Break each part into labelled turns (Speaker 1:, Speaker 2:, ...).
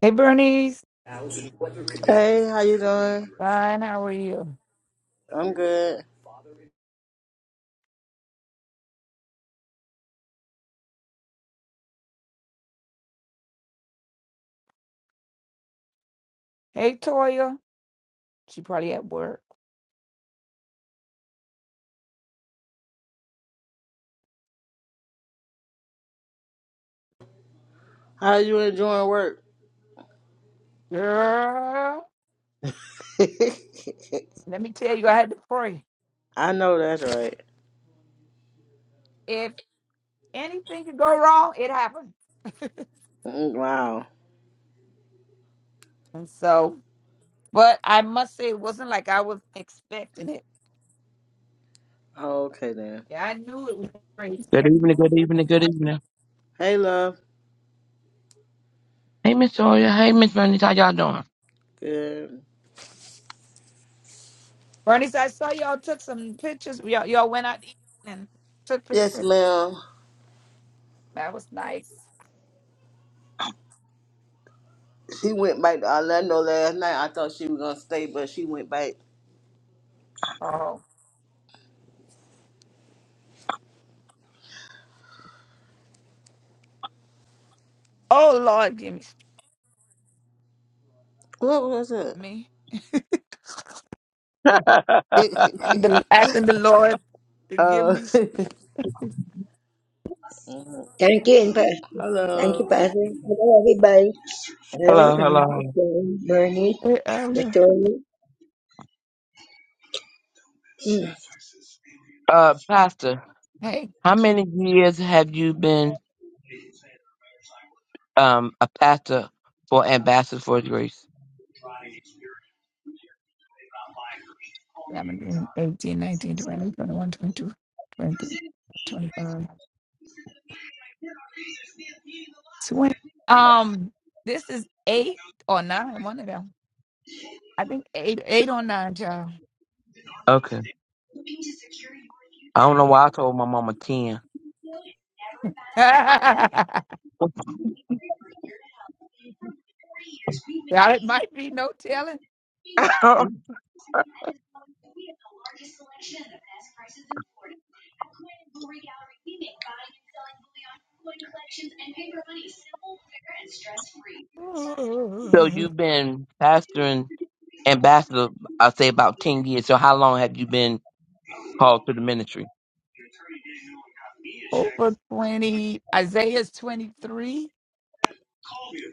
Speaker 1: Hey, Bernice.
Speaker 2: Hey, how you doing?
Speaker 1: Fine, how are you?
Speaker 2: I'm good.
Speaker 1: Hey, Toya. She probably at work.
Speaker 2: How you enjoying work?
Speaker 1: Girl, let me tell you, I had to pray.
Speaker 2: I know that's right.
Speaker 1: If anything could go wrong, it happened.
Speaker 2: Mm, Wow.
Speaker 1: And so, but I must say, it wasn't like I was expecting it.
Speaker 2: Okay then.
Speaker 1: Yeah, I knew it was crazy.
Speaker 3: Good evening, good evening, good evening.
Speaker 2: Hey, love.
Speaker 3: Hey, Miss Toya. Hey, Miss Bernice. How y'all doing?
Speaker 2: Good.
Speaker 1: Bernice, I saw y'all took some pictures. Y'all, y'all went out eating and took
Speaker 2: Yes,
Speaker 1: pictures.
Speaker 2: ma'am.
Speaker 1: That was nice.
Speaker 2: She went back to Orlando last night. I thought she was gonna stay, but she went back.
Speaker 1: Oh, oh Lord, give me
Speaker 2: What was it?
Speaker 1: me the acting. the Lord to give
Speaker 2: uh,
Speaker 1: me.
Speaker 2: mhm.
Speaker 4: Thank you, and Pastor. Thank
Speaker 2: hello.
Speaker 4: you, Pastor. Hello, everybody. Hello,
Speaker 3: Hello,
Speaker 4: okay,
Speaker 3: hello. hello.
Speaker 4: Bernie,
Speaker 1: Hey, I don't know.
Speaker 4: Victoria. Mm.
Speaker 3: Uh, Pastor,
Speaker 1: Hey.
Speaker 3: how many years have you been um a pastor for Ambassadors for Grace?
Speaker 1: 17, 18, 19, 20, 21, 22, 23, 25. 20. Um, this is eight or nine, one of them. I think eight, eight or nine, child.
Speaker 3: Okay. I don't know why I told my mama 10.
Speaker 1: yeah, it might be no telling.
Speaker 3: so you've been pastoring Ambassador, I'll say about 10 years. So how long have you been called to the ministry?
Speaker 1: Over 20, Isaiah's 23,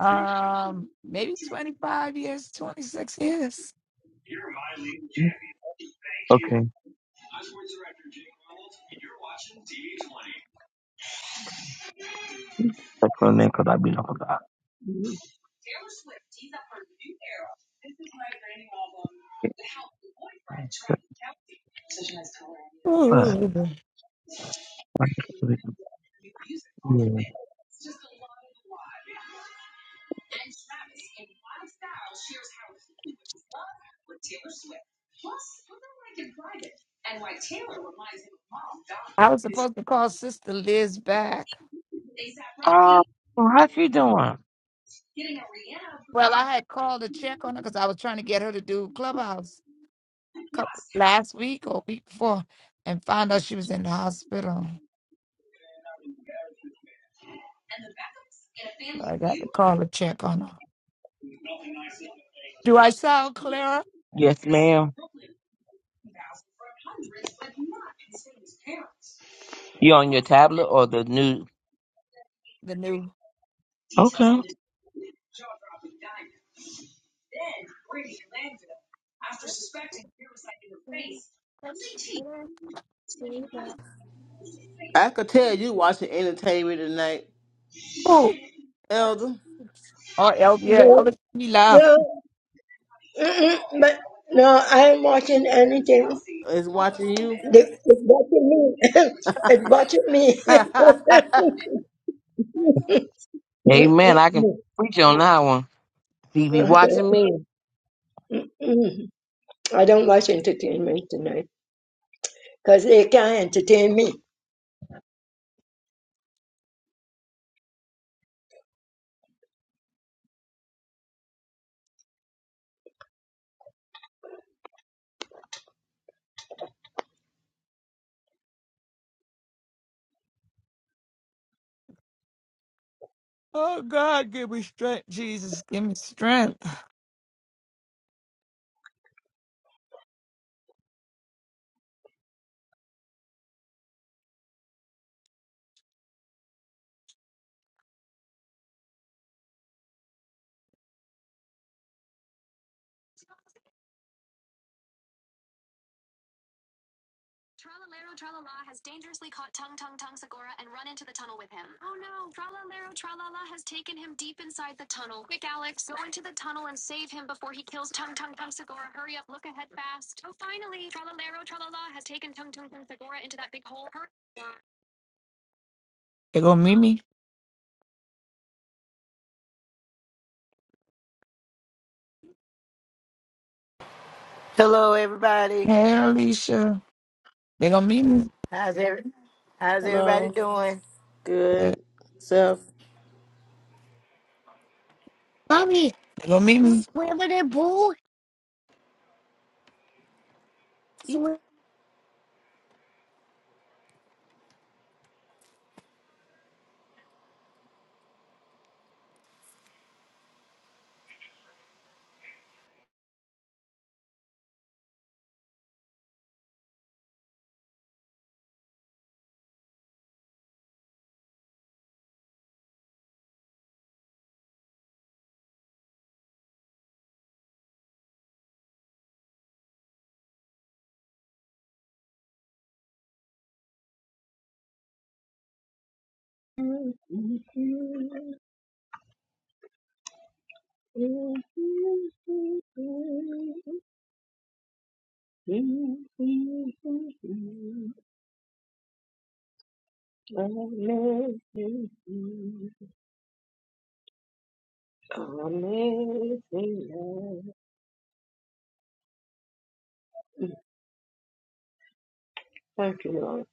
Speaker 1: um, maybe 25 years, 26 years.
Speaker 3: Okay. That's her name because I be like, but, but,
Speaker 1: Ooh. I was supposed to call Sister Liz back
Speaker 3: uh, how she doing?
Speaker 1: Well, I had called to check on her because I was trying to get her to do Clubhouse couple, last week or week before and found out she was in the hospital. So I got to call to check on her. Do I sound clearer?
Speaker 3: Yes, ma'am. You on your tablet or the new?
Speaker 1: The new.
Speaker 3: Okay.
Speaker 1: Who?
Speaker 2: I could tell you watching entertainment tonight.
Speaker 1: oh
Speaker 2: Elder
Speaker 1: El- yeah,
Speaker 4: No,
Speaker 1: Elder, me loud.
Speaker 4: no, mm-mm, but no, I'm watching anything.
Speaker 2: is watching you.
Speaker 4: They- It's watching me. it's watching me.
Speaker 3: Amen. I can
Speaker 4: Mm-mm-mm.
Speaker 3: preach on that one. She be
Speaker 4: okay.
Speaker 3: watching me.
Speaker 4: Mm. I don't watch entertainment tonight because they can't entertain me.
Speaker 1: Oh, God, give me strength, Jesus. Give me strength. They're going to meet me.
Speaker 5: Hello, everybody.
Speaker 1: Hey, Alicia. They're going to meet me.
Speaker 5: How's every, How's everybody
Speaker 2: hello.
Speaker 5: doing?
Speaker 1: Uh,
Speaker 2: Good. Self.
Speaker 1: Mommy. They're going to meet me. Where were they born?
Speaker 4: Amazing love. Thank you, Lord.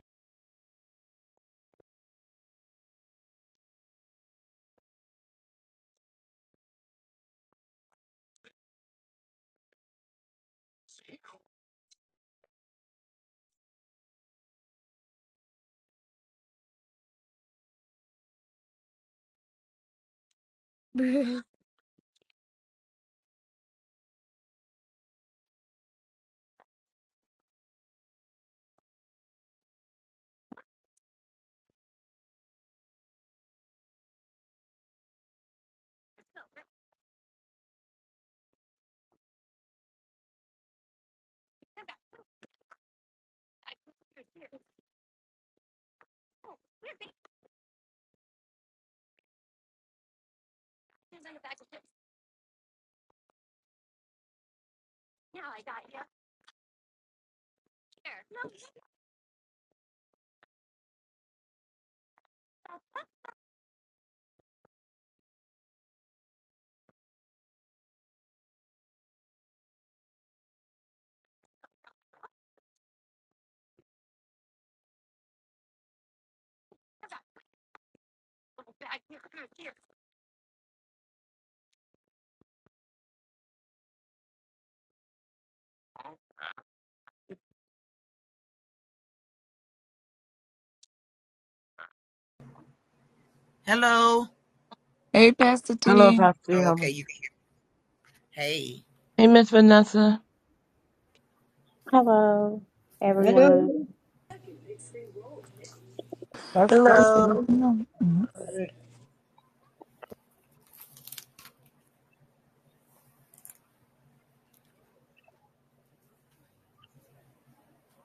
Speaker 6: Hello.
Speaker 1: Hey, Pastor
Speaker 3: Hello,
Speaker 1: T.
Speaker 3: Pastor.
Speaker 6: Oh,
Speaker 3: Elmer.
Speaker 6: okay, you. Hey,
Speaker 3: Hey, Miss Vanessa.
Speaker 7: Hello, everyone.
Speaker 4: Hello.
Speaker 1: Let's go.
Speaker 5: Hello.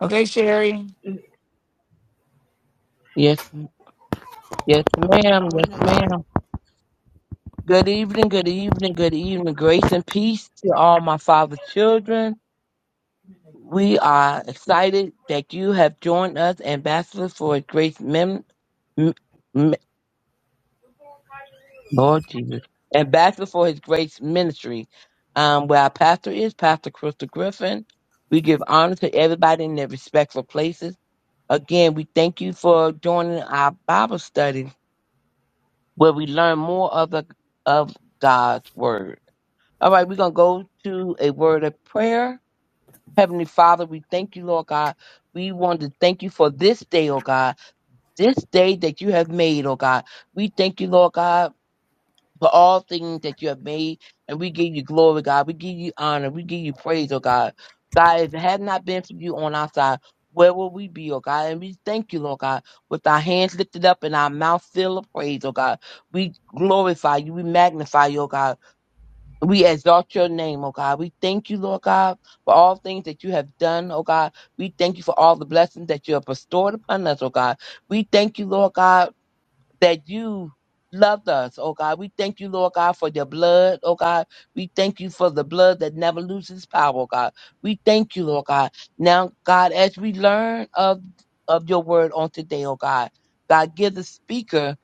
Speaker 1: Okay, Sherry.
Speaker 3: Yes, yes, ma'am. Yes,
Speaker 6: I
Speaker 3: ma'am. Good evening. Good evening. Good evening. Grace and peace to all my father's children. We are excited that you have joined us, ambassadors for Grace Mem- Lord Jesus. And back before his grace ministry, um, where our pastor is, Pastor Crystal Griffin. We give honor to everybody in their respectful places. Again, we thank you for joining our Bible study where we learn more of the of God's word. All right, we're gonna go to a word of prayer. Heavenly Father, we thank you, Lord God. We want to thank you for this day, oh God, this day that you have made, oh God. We thank you, Lord God for all things that you have made. And we give you glory, God. We give you honor. We give you praise, oh God. God, if it had not been for you on our side, where would we be, oh God? And we thank you, Lord God, with our hands lifted up and our mouth filled with praise, oh God. We glorify you. We magnify you, oh God. We exalt your name, oh God. We thank you, Lord God, for all things that you have done, oh God. We thank you for all the blessings that you have bestowed upon us, oh God. We thank you, Lord God, that you loved us, oh God. We thank you, Lord God, for your blood, oh God. We thank you for the blood that never loses power, oh God. We thank you, Lord God. Now, God, as we learn of, of your word on today, oh God, God, give the speaker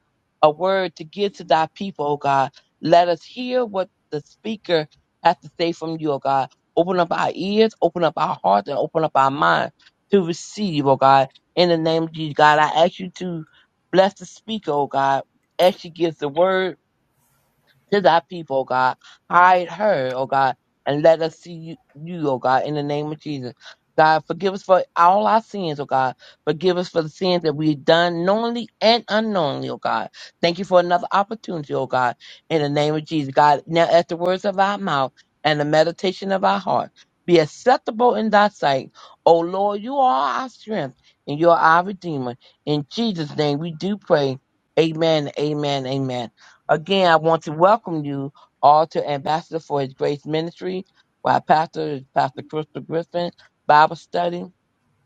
Speaker 3: a word to give to thy people, oh God. Let us hear what the speaker has to say from you, oh God. Open up our ears, open up our hearts, and open up our minds to receive, oh God. In the name of Jesus, God, I ask you to Bless the speaker, oh God, as she gives the word to thy people, oh God. Hide her, oh God, and let us see you, you, oh God, in the name of Jesus. God, forgive us for all our sins, oh God. Forgive us for the sins that we've done knowingly and unknowingly, oh God. Thank you for another opportunity, oh God, in the name of Jesus. God, now at the words of our mouth and the meditation of our heart, be acceptable in thy sight. O Lord, you are our strength and you are our redeemer. In Jesus' name we do pray. Amen, amen, amen. Again, I want to welcome you all to Ambassador for His Grace Ministry, where our pastor is Pastor Crystal Griffin, Bible study.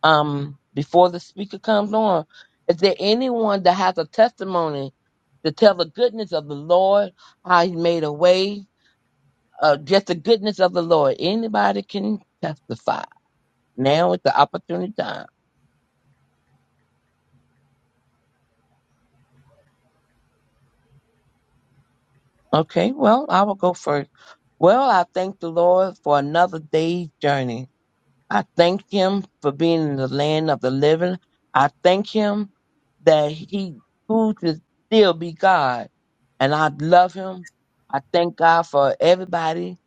Speaker 3: Um, before the speaker comes on, is there anyone that has a testimony to tell the goodness of the Lord, how He made a way, uh, just the goodness of the Lord? Anybody can testify. Now is the opportunity time. Okay, well, I will go first. Well, I thank the Lord for another day's journey. I thank him for being in the land of the living. I thank him that he proved to still be God. And I love him. I thank God for everybody,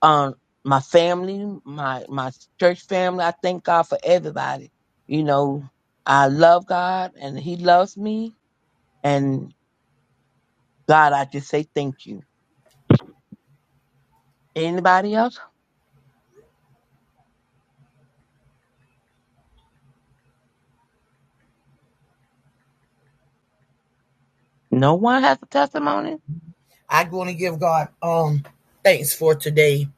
Speaker 3: um, my family, my, my church family. I thank God for everybody. You know, I love God and he loves me. And God, I just say thank you. Anybody else? No one has a testimony?
Speaker 6: want to give God um thanks for today.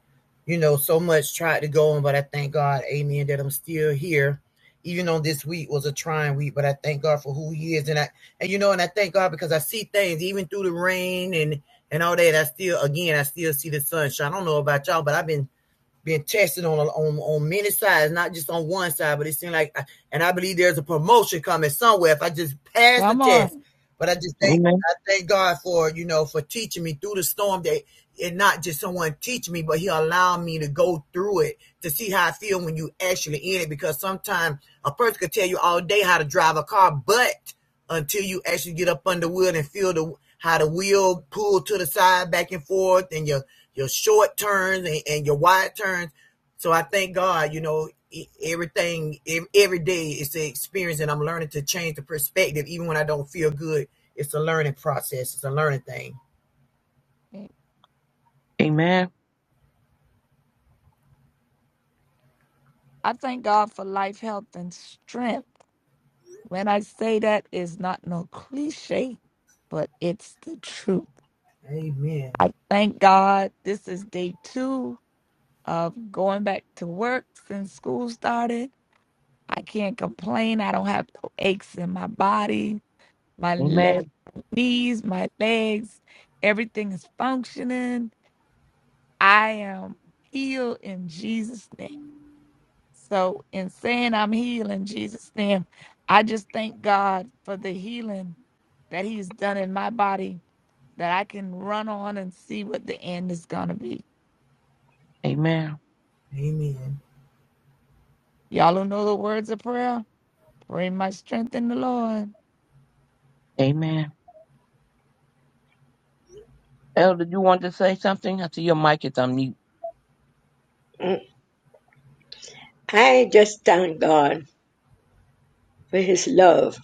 Speaker 6: You know, so much tried to go on, but I thank God, Amen, that I'm still here. Even though this week was a trying week, but I thank God for who He is, and I and you know, and I thank God because I see things even through the rain and and all that. I still, again, I still see the sunshine. I don't know about y'all, but I've been being tested on on on many sides, not just on one side. But it seemed like, I, and I believe there's a promotion coming somewhere if I just pass the
Speaker 1: Come on.
Speaker 6: test. But I just thank
Speaker 3: Amen.
Speaker 6: I thank God for you know for teaching me through the storm that and not just someone teach me, but He allowed me to go through it to see how I feel when you actually in it. Because sometimes a person could tell you all day how to drive a car, but until you actually get up under wheel and feel the how the wheel pull to the side back and forth and your your short turns and, and your wide turns. So I thank God, you know, e- everything, every day is the experience, and I'm learning to change the perspective, even when I don't feel good. It's a learning process. It's a learning thing.
Speaker 3: Amen.
Speaker 1: I thank God for life, health, and strength. When I say that is not no cliche, but it's the truth.
Speaker 6: Amen.
Speaker 1: I thank God. This is day two of going back to work since school started. I can't complain. I don't have no aches in my body, my leg,
Speaker 3: Amen.
Speaker 1: knees, my legs. Everything is functioning. I am healed in Jesus' name. So, in saying I'm healed in Jesus' name, I just thank God for the healing that He's done in my body that I can run on and see what the end is going to be.
Speaker 3: Amen.
Speaker 6: Amen.
Speaker 1: Y'all who know the words of prayer, pray my strength in the Lord.
Speaker 3: Amen. Elder, you want to say something? I see your mic is on mute.
Speaker 4: I just thank God for His love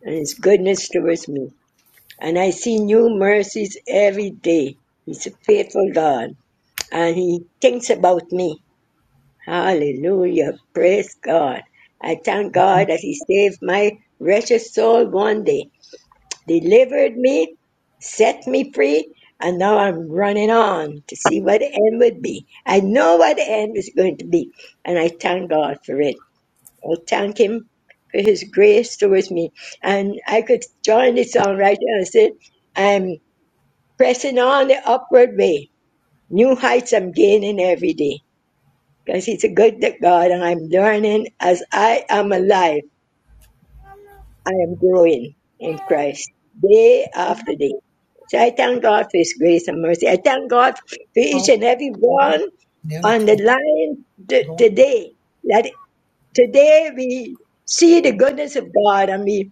Speaker 4: and His goodness towards me. And I see new mercies every day. He's a faithful God and He thinks about me. Hallelujah. Praise God. I thank God that He saved my wretched soul one day. delivered me, set me free, and now I'm running on to see what the end would be. I know what the end is going to be, and I thank God for it. I thank Him for His grace towards me. And I could join the song right now and say, I'm pressing on the upward way. New heights I'm gaining every day. Because He's a good God, and I'm learning as I am alive, I am growing in Christ day after day. So I thank God for His grace and mercy. I thank God for each
Speaker 6: Oh,
Speaker 4: and every one
Speaker 6: Nana
Speaker 4: on the
Speaker 6: talk.
Speaker 4: line t-
Speaker 6: Go on.
Speaker 4: today. That today we see the goodness of God and we,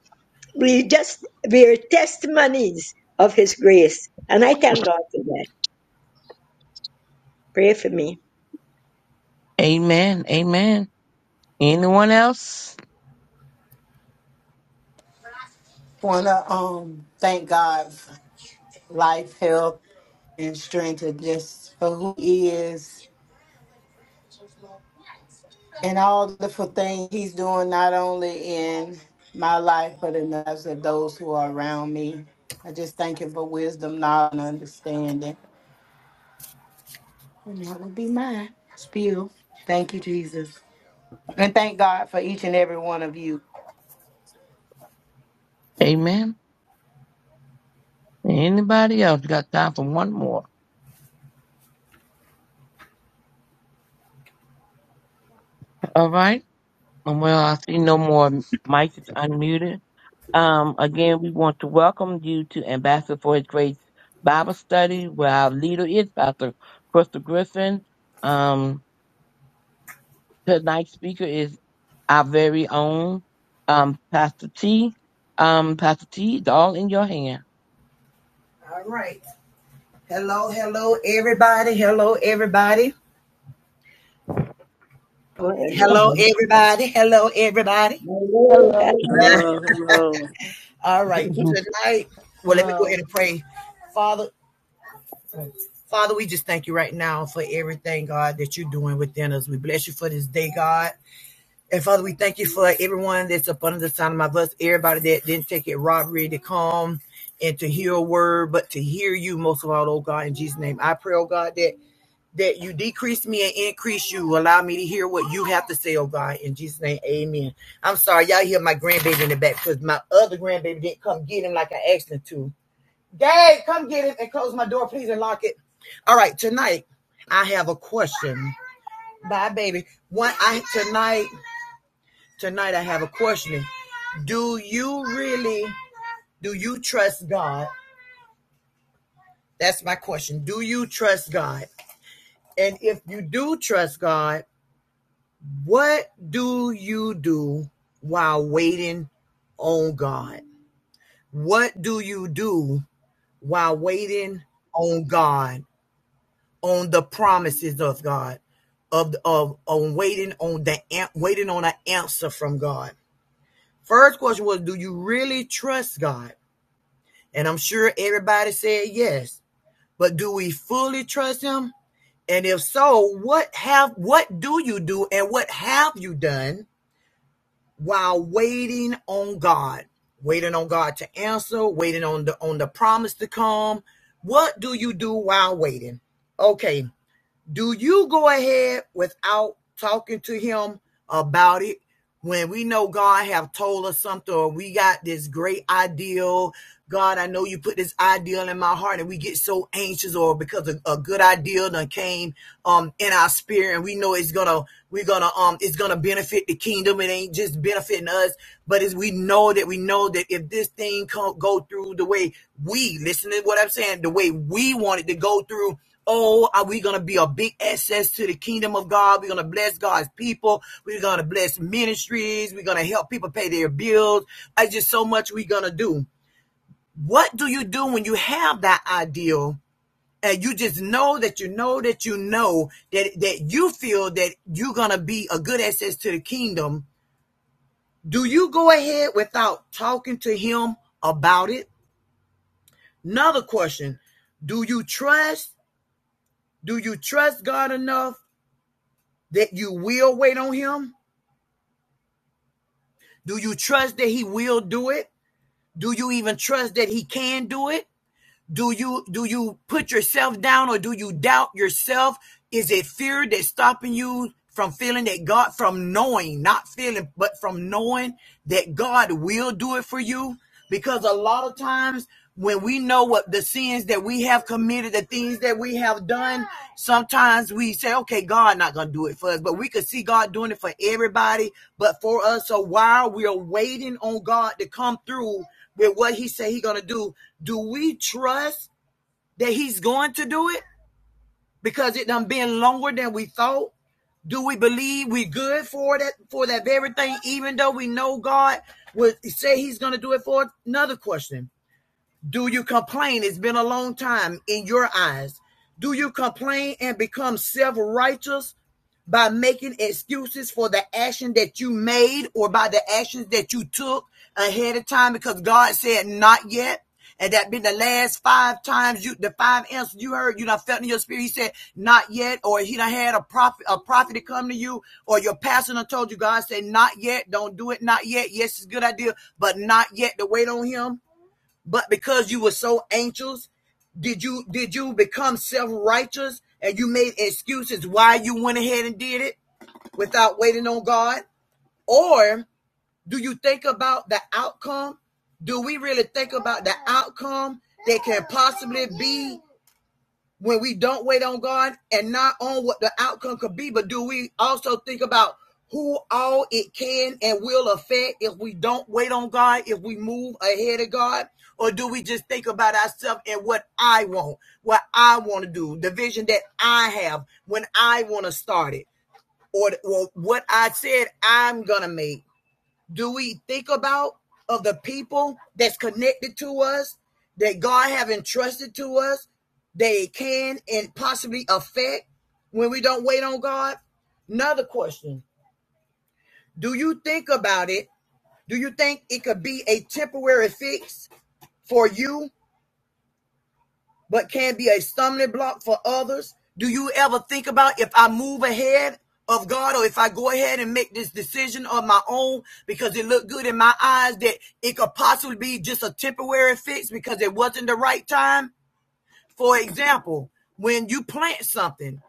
Speaker 4: we just, we are testimonies of His grace. And I thank God for that. Pray for me.
Speaker 3: Amen. Amen. Anyone else?
Speaker 5: Want to um thank God for life, health, and strength, and just for who He is and all the wonderful things He's doing, not only in my life but in the lives of those who are around me. I just thank Him for wisdom, knowledge, and understanding, and that would be mine. Spill. Thank you, Jesus, and thank God for each and every one of you.
Speaker 3: Amen. Anybody else? We got time for one more. All right. Um, Well, I see no more mics is unmuted. Um, again, we want to welcome you to Ambassador for His Grace Bible Study, where our leader is Pastor Crystal Griffin. Um, tonight's speaker is our very own um, Pastor T. Um, Pastor T, it's all in your hand.
Speaker 6: All right. Hello, hello, everybody. Hello, everybody.
Speaker 4: Oh, hello.
Speaker 6: Hello, everybody. Hello, everybody.
Speaker 4: Hello,
Speaker 1: Hello.
Speaker 2: Hello. Hello.
Speaker 6: All right.
Speaker 4: hello.
Speaker 8: Mhm.
Speaker 6: Tonight, well, let me go ahead
Speaker 5: Hello.
Speaker 6: and pray. Father, Father, we just thank you right now for everything, God, that you're doing within us. We bless you for this day, God. And Father, we thank you for everyone that's up under the sound of my voice, everybody that didn't take it robbery to come and to hear a word, but to hear you most of all, oh God, in Jesus' name. I pray, oh God, that that you decrease me and increase you. Allow me to hear what you have to say, oh God, in Jesus' name. Amen. I'm sorry, y'all hear my grandbaby in the back because my other grandbaby didn't come get him like I asked him to. Gabe, come get it and close my door, please, and lock it. All right, tonight I have a question. Bye, baby. One, I tonight, tonight I have a question. Do you really, do you trust God? That's my question. Do you trust God? And if you do trust God, what do you do while waiting on God? What do you do while waiting on God? on the promises of God, of of on waiting on the waiting on an answer from God. First question was, do you really trust God? And I'm sure everybody said yes, but do we fully trust Him? And if so, what have what do you do, and what have you done while waiting on God? Waiting on God to answer, waiting on the on the promise to come. What do you do while waiting? Okay, do you go ahead without talking to him about it when we know God have told us something or we got this great ideal? God, I know you put this ideal in my heart and we get so anxious or because a, a good ideal done came um in our spirit and we know it's gonna we're gonna um it's gonna benefit the kingdom it ain't just benefiting us but as we know that we know that if this thing can't go through the way we listen to what i'm saying the way we want it to go through oh are we gonna be a big access to the kingdom of god we're gonna bless god's people we're gonna bless ministries we're gonna help people pay their bills it's just so much we're gonna do what do you do when you have that ideal and you just know that you know that you know that that you feel that you're gonna be a good access to the kingdom do you go ahead without talking to him about it another question do you trust do you trust god enough that you will wait on him do you trust that he will do it do you even trust that he can do it Do you do you put yourself down or do you doubt yourself? Is it fear that's stopping you from feeling that God from knowing, not feeling, but from knowing that God will do it for you? Because a lot of times when we know what the sins that we have committed, the things that we have done, sometimes we say, okay, God not going to do it for us, but we could see God doing it for everybody, but for us. So while we're waiting on God to come through, with what he said he gonna do, do we trust that he's going to do it? Because it done been longer than we thought. Do we believe we good for that for that very thing, even though we know God would say he's gonna do it for another question? Do you complain? It's been a long time in your eyes. Do you complain and become self righteous by making excuses for the action that you made or by the actions that you took ahead of time because God said not yet? And that been the last five times you, the five answers you heard, you done felt in your spirit. He said, not yet. Or he done had a prophet, a prophet to come to you or your pastor done told you, God said, not yet. Don't do it. Not yet. Yes, it's a good idea, but not yet to wait on him. But because you were so anxious, did you did you become self-righteous and you made excuses why you went ahead and did it without waiting on God? Or do you think about the outcome? Do we really think about the outcome that can possibly be when we don't wait on God and not on what the outcome could be, but do we also think about who all it can and will affect if we don't wait on God, if we move ahead of God? Or do we just think about ourselves and what I want, what I want to do, the vision that I have when I want to start it, or, or what I said I'm going to make? do we think about of the people that's connected to us that God have entrusted to us they can and possibly affect when we don't wait on God? Another question. Do you think about it? Do you think it could be a temporary fix for you but can be a stumbling block for others. Do you ever think about if I move ahead of God or if I go ahead and make this decision of my own because it looked good in my eyes that it could possibly be just a temporary fix because it wasn't the right time? For example, when you plant something,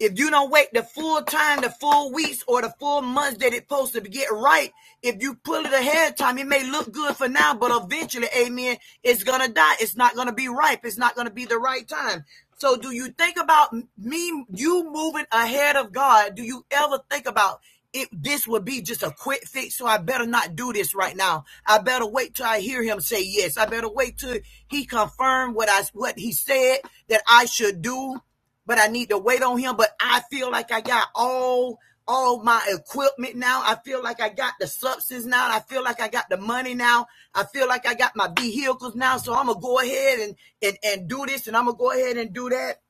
Speaker 6: if you don't wait the full time, the full weeks, or the full months that it's supposed to get right, if you pull it ahead of time, it may look good for now, but eventually, amen, it's gonna die. It's not gonna be ripe. It's not gonna be the right time. So, do you think about me, you moving ahead of God? Do you ever think about it? This would be just a quick fix, so I better not do this right now. I better wait till I hear Him say yes. I better wait till He confirm what I what He said that I should do but I need to wait on him. But I feel like I got all all my equipment now. I feel like I got the substance now. I feel like I got the money now. I feel like I got my vehicles now. So I'm gonna go ahead and and, and do this and I'm gonna go ahead and do that.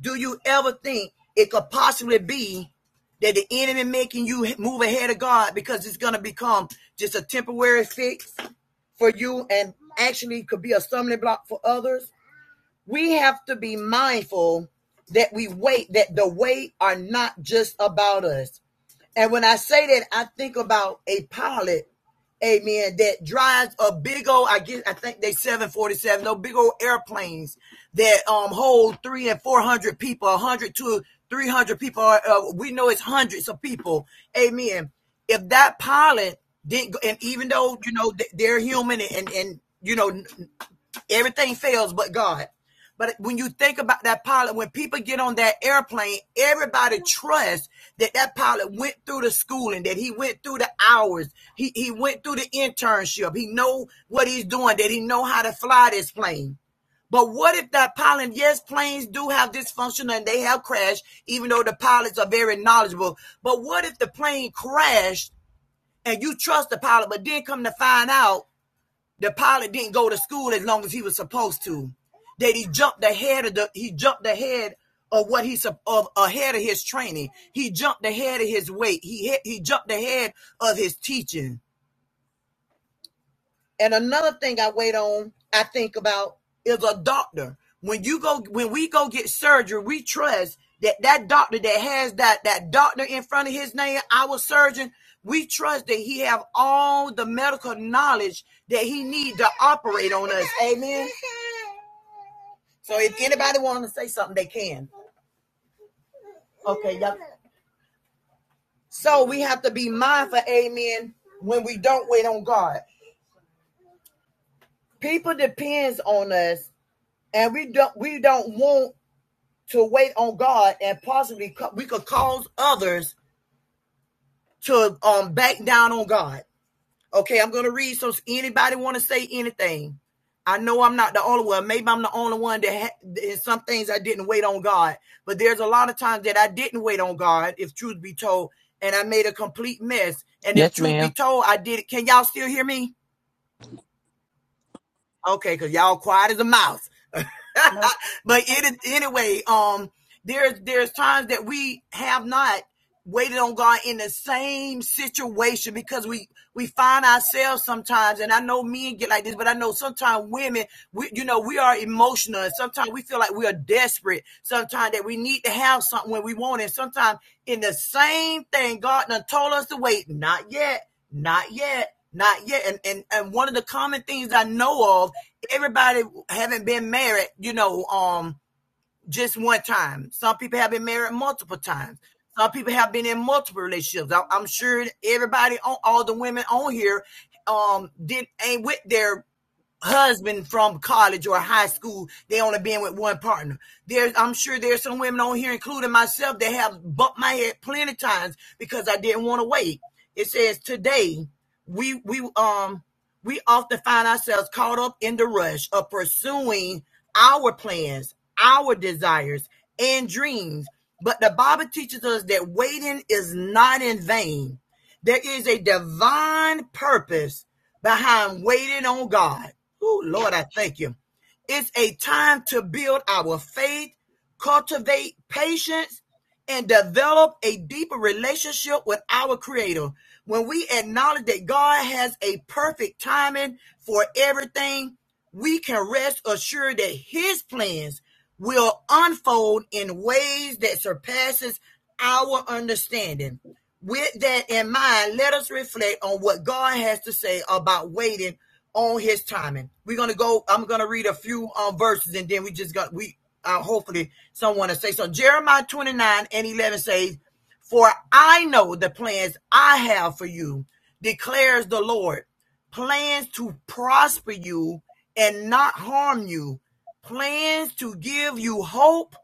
Speaker 6: Do you ever think it could possibly be that the enemy making you move ahead of God because it's gonna become just a temporary fix for you and actually could be a stumbling block for others? we have to be mindful that we wait, that the wait are not just about us. And when I say that, I think about a pilot, amen, that drives a big old, I guess, I think they 747, no big old airplanes that um hold three and 400 people, 100 to 300 people. Uh, we know it's hundreds of people, amen. If that pilot didn't, and even though, you know, they're human and, and, you know, Everything fails but God. But when you think about that pilot, when people get on that airplane, everybody trusts that that pilot went through the schooling, that he went through the hours, he, he went through the internship, he know what he's doing, that he know how to fly this plane. But what if that pilot, yes, planes do have dysfunction and they have crashed, even though the pilots are very knowledgeable. But what if the plane crashed and you trust the pilot, but then come to find out the pilot didn't go to school as long as he was supposed to. That he jumped ahead of the he jumped ahead of what he's of ahead of his training. He jumped ahead of his weight. He he jumped ahead of his teaching. And another thing I wait on, I think about is a doctor. When you go, when we go get surgery, we trust that that doctor that has that that doctor in front of his name, our surgeon, we trust that he have all the medical knowledge that he need to operate on us. Amen. So if anybody want to say something, they can. Okay, y'all. So we have to be mindful, amen, when we don't wait on God. People depends on us, and we don't we don't want to wait on God and possibly co- we could cause others to um back down on God. Okay, I'm gonna read. So, anybody want to say anything? I know I'm not the only one. Maybe I'm the only one that ha- in some things I didn't wait on God, but there's a lot of times that I didn't wait on God. If truth be told, and I made a complete mess. And if
Speaker 3: Yes,
Speaker 6: truth be
Speaker 3: ma'am.
Speaker 6: told, I did it. Can y'all still hear me? Okay, because y'all quiet as a mouse.
Speaker 1: No.
Speaker 6: but it is anyway, um, there's there's times that we have not waited on God in the same situation because we we find ourselves sometimes, and I know men get like this, but I know sometimes women, we you know, we are emotional, and sometimes we feel like we are desperate, sometimes that we need to have something when we want it. Sometimes in the same thing, God done told us to wait, not yet. Not yet. Not yet. And, and and one of the common things I know of, everybody haven't been married, you know, um, just one time. Some people have been married multiple times. Some people have been in multiple relationships. I, I'm sure everybody on all the women on here um did ain't with their husband from college or high school, they only been with one partner. There's, I'm sure there's some women on here, including myself, that have bumped my head plenty of times because I didn't want to wait. It says today we we um we often find ourselves caught up in the rush of pursuing our plans, our desires, and dreams. But the Bible teaches us that waiting is not in vain. There is a divine purpose behind waiting on God. Oh, Lord, I thank you. It's a time to build our faith, cultivate patience, and develop a deeper relationship with our Creator. When we acknowledge that God has a perfect timing for everything, we can rest assured that His plans will unfold in ways that surpasses our understanding. With that in mind, let us reflect on what God has to say about waiting on His timing. We're gonna go. I'm gonna read a few um, verses, and then we just got we. Uh, hopefully, someone will say so. Jeremiah 29 and 11 says, "For I know the plans I have for you," declares the Lord, plans to prosper you and not harm you, plans to give you hope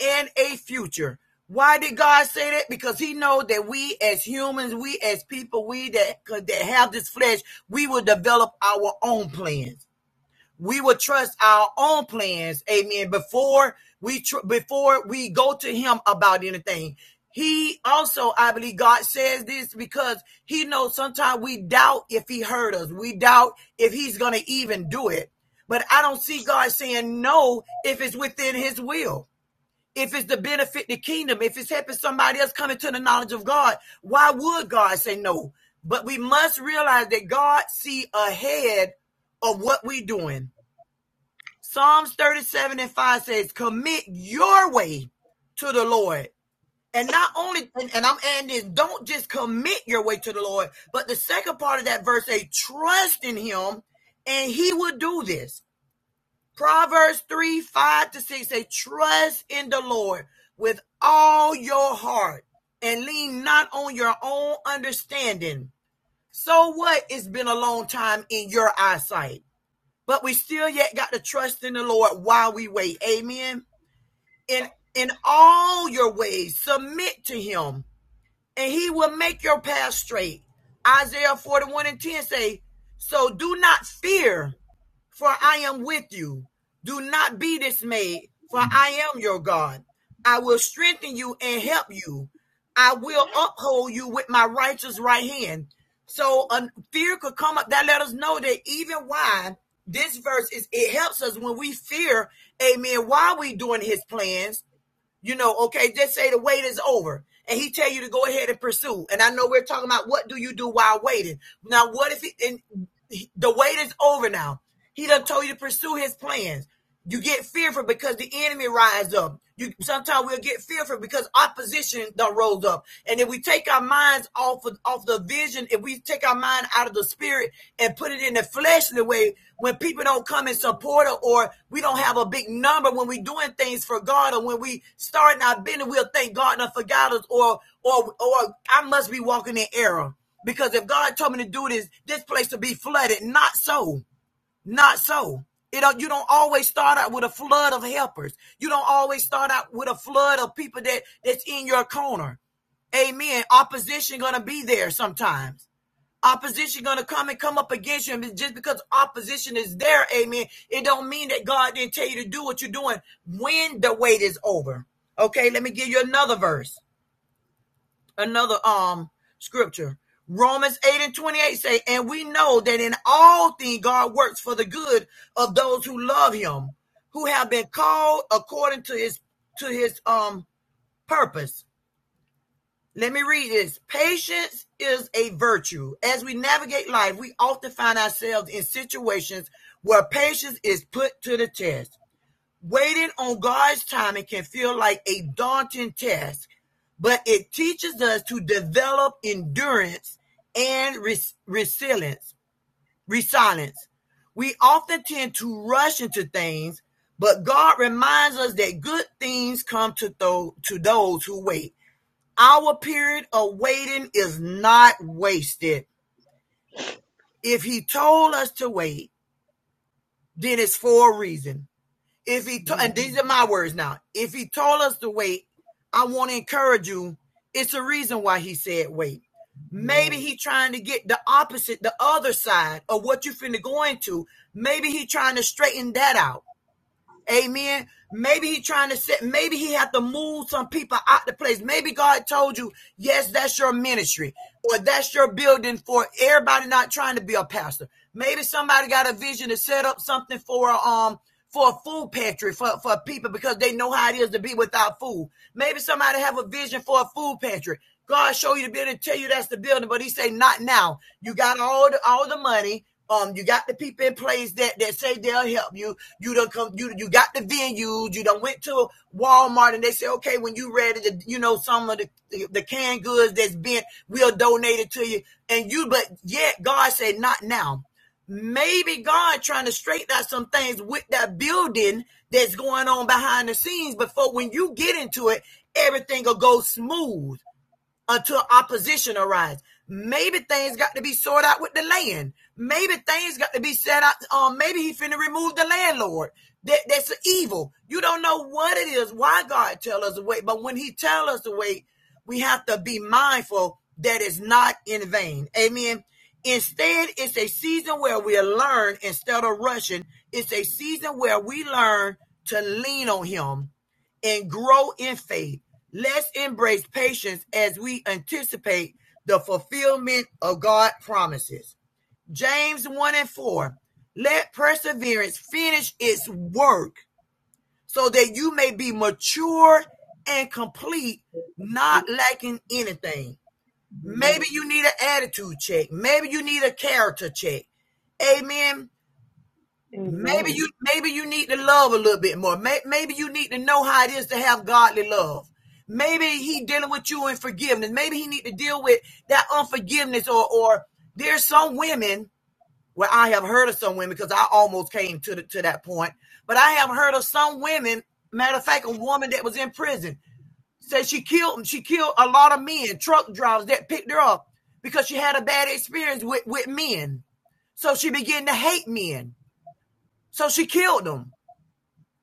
Speaker 6: and a future. Why did God say that? Because He knows that we as humans, we as people, we that that have this flesh, we will develop our own plans. We will trust our own plans, Amen. Before we tr- before we go to Him about anything, He also, I believe, God says this because He knows sometimes we doubt if He heard us. We doubt if He's going to even do it. But I don't see God saying no if it's within His will if it's to benefit the kingdom, if it's helping somebody else come into the knowledge of God, why would God say no? But we must realize that God see ahead of what we're doing. Psalms 37 and 5 says, commit your way to the Lord. And not only, and, and I'm adding this, don't just commit your way to the Lord, but the second part of that verse, say, trust in him and he will do this. Proverbs 3 5 to 6 say, Trust in the Lord with all your heart and lean not on your own understanding. So what? It's been a long time in your eyesight, but we still yet got to trust in the Lord while we wait. Amen. In in all your ways, submit to him, and he will make your path straight. Isaiah 41 and 10 say, So do not fear, for I am with you. Do not be dismayed, for I am your God. I will strengthen you and help you. I will uphold you with my righteous right hand. So uh, fear could come up. That let us know that even why this verse is, it helps us when we fear, amen, why we doing his plans you know, okay, just say the wait is over and he tell you to go ahead and pursue. And I know we're talking about what do you do while waiting. Now, what if he, and he- the wait is over now? He done told you to pursue his plans. You get fearful because the enemy rises up. You sometimes we'll get fearful because opposition done rose up. And if we take our minds off off of, off the vision, if we take our mind out of the spirit and put it in the fleshly way, when people don't come and support us, or we don't have a big number when we are doing things for God, or when we starting our business, we'll think God done forgot us, or or or I must be walking in error because if God told me to do this, this place will be flooded. Not so. Not so. It don't, you don't always start out with a flood of helpers. You don't always start out with a flood of people that that's in your corner. Amen. Opposition gonna be there sometimes. Opposition gonna come and come up against you, and just because opposition is there, amen, it don't mean that God didn't tell you to do what you're doing when the wait is over. Okay, let me give you another verse another um scripture. Romans 8 and 28 say, and we know that in all things God works for the good of those who love him, who have been called according to his to his um purpose. Let me read this. Patience is a virtue. As we navigate life, we often find ourselves in situations where patience is put to the test. Waiting on God's timing can feel like a daunting task but it teaches us to develop endurance and res- resilience. Resilience. We often tend to rush into things, but God reminds us that good things come to tho- to those who wait. Our period of waiting is not wasted. If He told us to wait, then it's for a reason. If he to- and these are my words now. If he told us to wait, I want to encourage you. It's a reason why he said wait. Maybe he trying to get the opposite, the other side of what you finna go into. Maybe he trying to straighten that out. Amen. Maybe he trying to set, maybe he had to move some people out the place. Maybe God told you, yes, that's your ministry or that's your building for everybody not trying to be a pastor. Maybe somebody got a vision to set up something for, um, for a food pantry for, for people because they know how it is to be without food. Maybe somebody have a vision for a food pantry. God show you the building, tell you that's the building, but he say not now. You got all the all the money. Um, you got the people in place that, that say they'll help you. You don't come. You you got the venues. You done went to Walmart and they say, okay, when you ready to, you know, some of the, the the canned goods that's been, we'll donate it to you. And you, but yet God said, not now. Maybe God trying to straighten out some things with that building that's going on behind the scenes before when you get into it, everything will go smooth until opposition arise. Maybe things got to be sorted out with the land. Maybe things got to be set out. Um, maybe he finna remove the landlord. That, that's an evil. You don't know what it is. Why God tell us to wait, but when He tell us to wait, we have to be mindful that it's not in vain. Amen. Instead, it's a season where we learn instead of rushing. It's a season where we learn to lean on Him and grow in faith. Let's embrace patience as we anticipate the fulfillment of God's promises. James 1 and 4. Let perseverance finish its work so that you may be mature and complete, not lacking anything. Maybe you need an attitude check. Maybe you need a character check. Amen. Maybe
Speaker 4: Amen. Amen.
Speaker 6: you maybe you need to love a little bit more. Maybe you need to know how it is to have godly love. Maybe he dealing with you in forgiveness. Maybe he need to deal with that unforgiveness or or there's some women where I have heard of some women because I almost came to the, to that point, but I have heard of some women. Matter of fact, a woman that was in prison said she killed she killed a lot of men, truck drivers that picked her up because she had a bad experience with with men. So she began to hate men. So she killed them.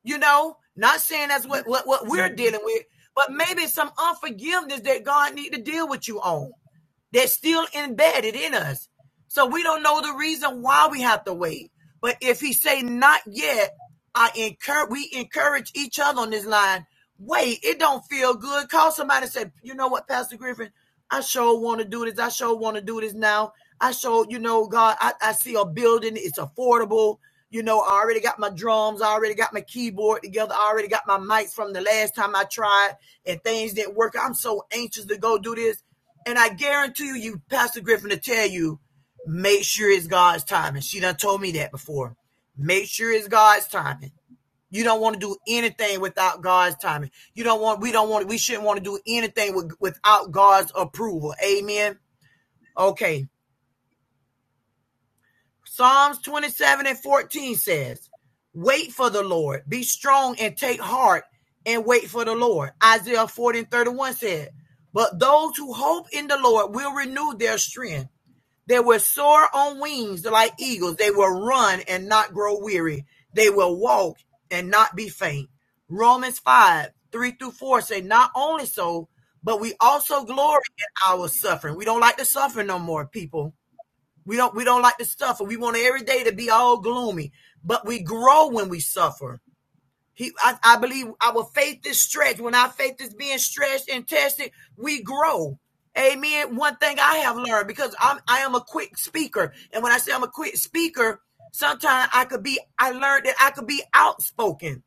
Speaker 6: You know, not saying that's what what, what we're dealing with, but maybe some unforgiveness that God need to deal with you on. They're still embedded in us. So we don't know the reason why we have to wait. But if he say not yet, I encourage we encourage each other on this line. Wait, it don't feel good. Call somebody and say, you know what, Pastor Griffin, I sure want to do this. I sure want to do this now. I sure, you know, God, I, I see a building, it's affordable. You know, I already got my drums, I already got my keyboard together, I already got my mics from the last time I tried and things didn't work. I'm so anxious to go do this and I guarantee you, you Pastor Griffin to tell you, make sure it's God's timing. She done told me that before. Make sure it's God's timing. You don't want to do anything without God's timing. You don't want. We don't want. We shouldn't want to do anything with, without God's approval. Amen. Okay. Psalms twenty-seven and fourteen says, "Wait for the Lord. Be strong and take heart, and wait for the Lord." Isaiah forty and thirty-one said, "But those who hope in the Lord will renew their strength." They will soar on wings like eagles. They will run and not grow weary. They will walk and not be faint. Romans 5 3 through 4 say, Not only so, but we also glory in our suffering. We don't like to suffer no more, people. We don't we don't like to suffer. We want every day to be all gloomy, but we grow when we suffer he, I, I believe our faith is stretched. When our faith is being stretched and tested, we grow. Amen. One thing I have learned because I'm I am a quick speaker, and when I say I'm a quick speaker, sometimes I could be. I learned that I could be outspoken.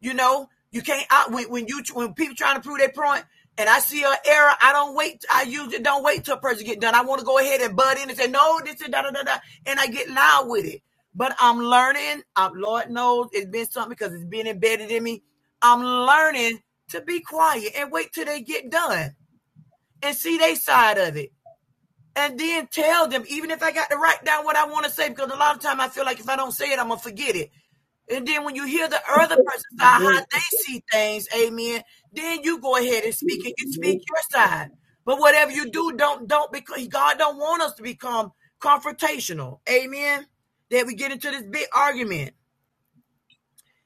Speaker 6: You know, you can't. I, when, when you when people trying to prove their point, and I see an error, I don't wait. I usually don't wait till a person get done. I want to go ahead and butt in and say no, this is da da da da, and I get loud with it. But I'm learning. I'm, Lord knows it's been something because it's been embedded in me. I'm learning to be quiet and wait till they get done and see their side of it and then tell them, even if I got to write down what I want to say, because a lot of time I feel like if I don't say it, I'm gonna forget it. And then when you hear the other person side, how they see things, amen, then you go ahead and speak and you speak your side. But whatever you do, don't don't because God don't want us to become confrontational. Amen. That we get into this big argument.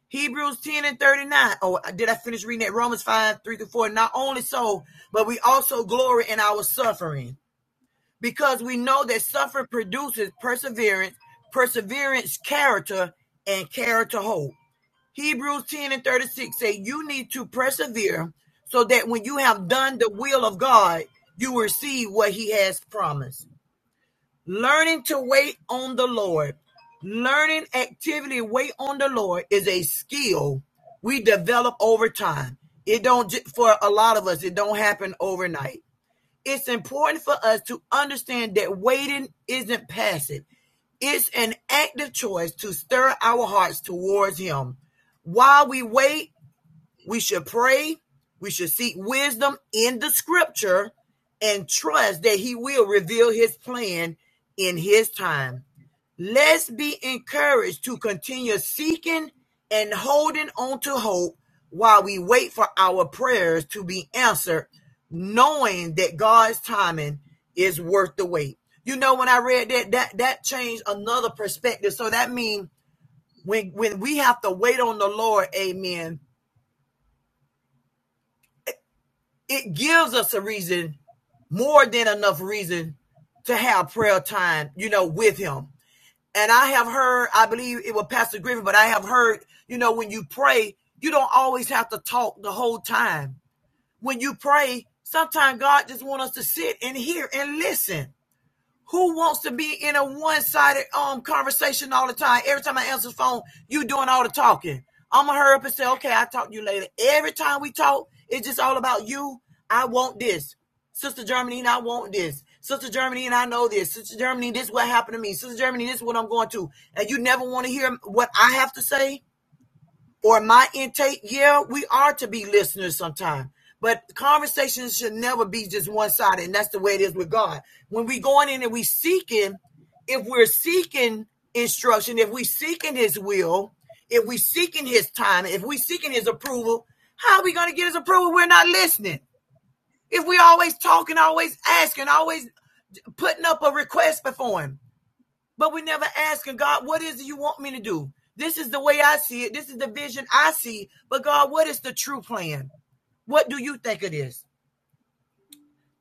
Speaker 6: Hebrews 10 and 39. Oh, did I finish reading that? Romans 5, 3 to 4. Not only so, but we also glory in our suffering because we know that suffering produces perseverance, perseverance, character, and character hope. Hebrews 10 and 36 say, You need to persevere so that when you have done the will of God, you will receive what He has promised. Learning to wait on the Lord, learning activity, wait on the Lord is a skill we develop over time. It don't, for a lot of us, it don't happen overnight it's important for us to understand that waiting isn't passive. It's an active choice to stir our hearts towards Him. While we wait, we should pray, we should seek wisdom in the scripture, and trust that He will reveal His plan in His time. Let's be encouraged to continue seeking and holding on to hope while we wait for our prayers to be answered, knowing that God's timing is worth the wait. You know, when I read that, that that changed another perspective. So that means when when we have to wait on the Lord, amen, it gives us a reason, more than enough reason to have prayer time, you know, with him And I have heard, I believe it was Pastor Griffin, but I have heard, you know, when you pray, you don't always have to talk the whole time. When you pray, sometimes God just wants us to sit and hear and listen. Who wants to be in a one-sided um conversation all the time? Every time I answer the phone, you doing all the talking. I'ma hurry up and say, okay, I'll talk to you later. Every time we talk, it's just all about you. I want this. Sister Germany and I want this. Sister Germany and I know this. Sister Germany, this is what happened to me. Sister Germany, this is what I'm going to. And you never want to hear what I have to say or my intake, yeah, we are to be listeners sometimes, But conversations should never be just one sided, and that's the way it is with God. When we going in and we seeking, if we're seeking instruction, if we seeking His will, if we seeking His time, if we seeking His approval, how are we going to get His approval? We're not listening. If we always talking, always asking, always putting up a request before Him, but we never asking God, what is it you want me to do? This is the way I see it. This is the vision I see. But God, what is the true plan? What do you think it is?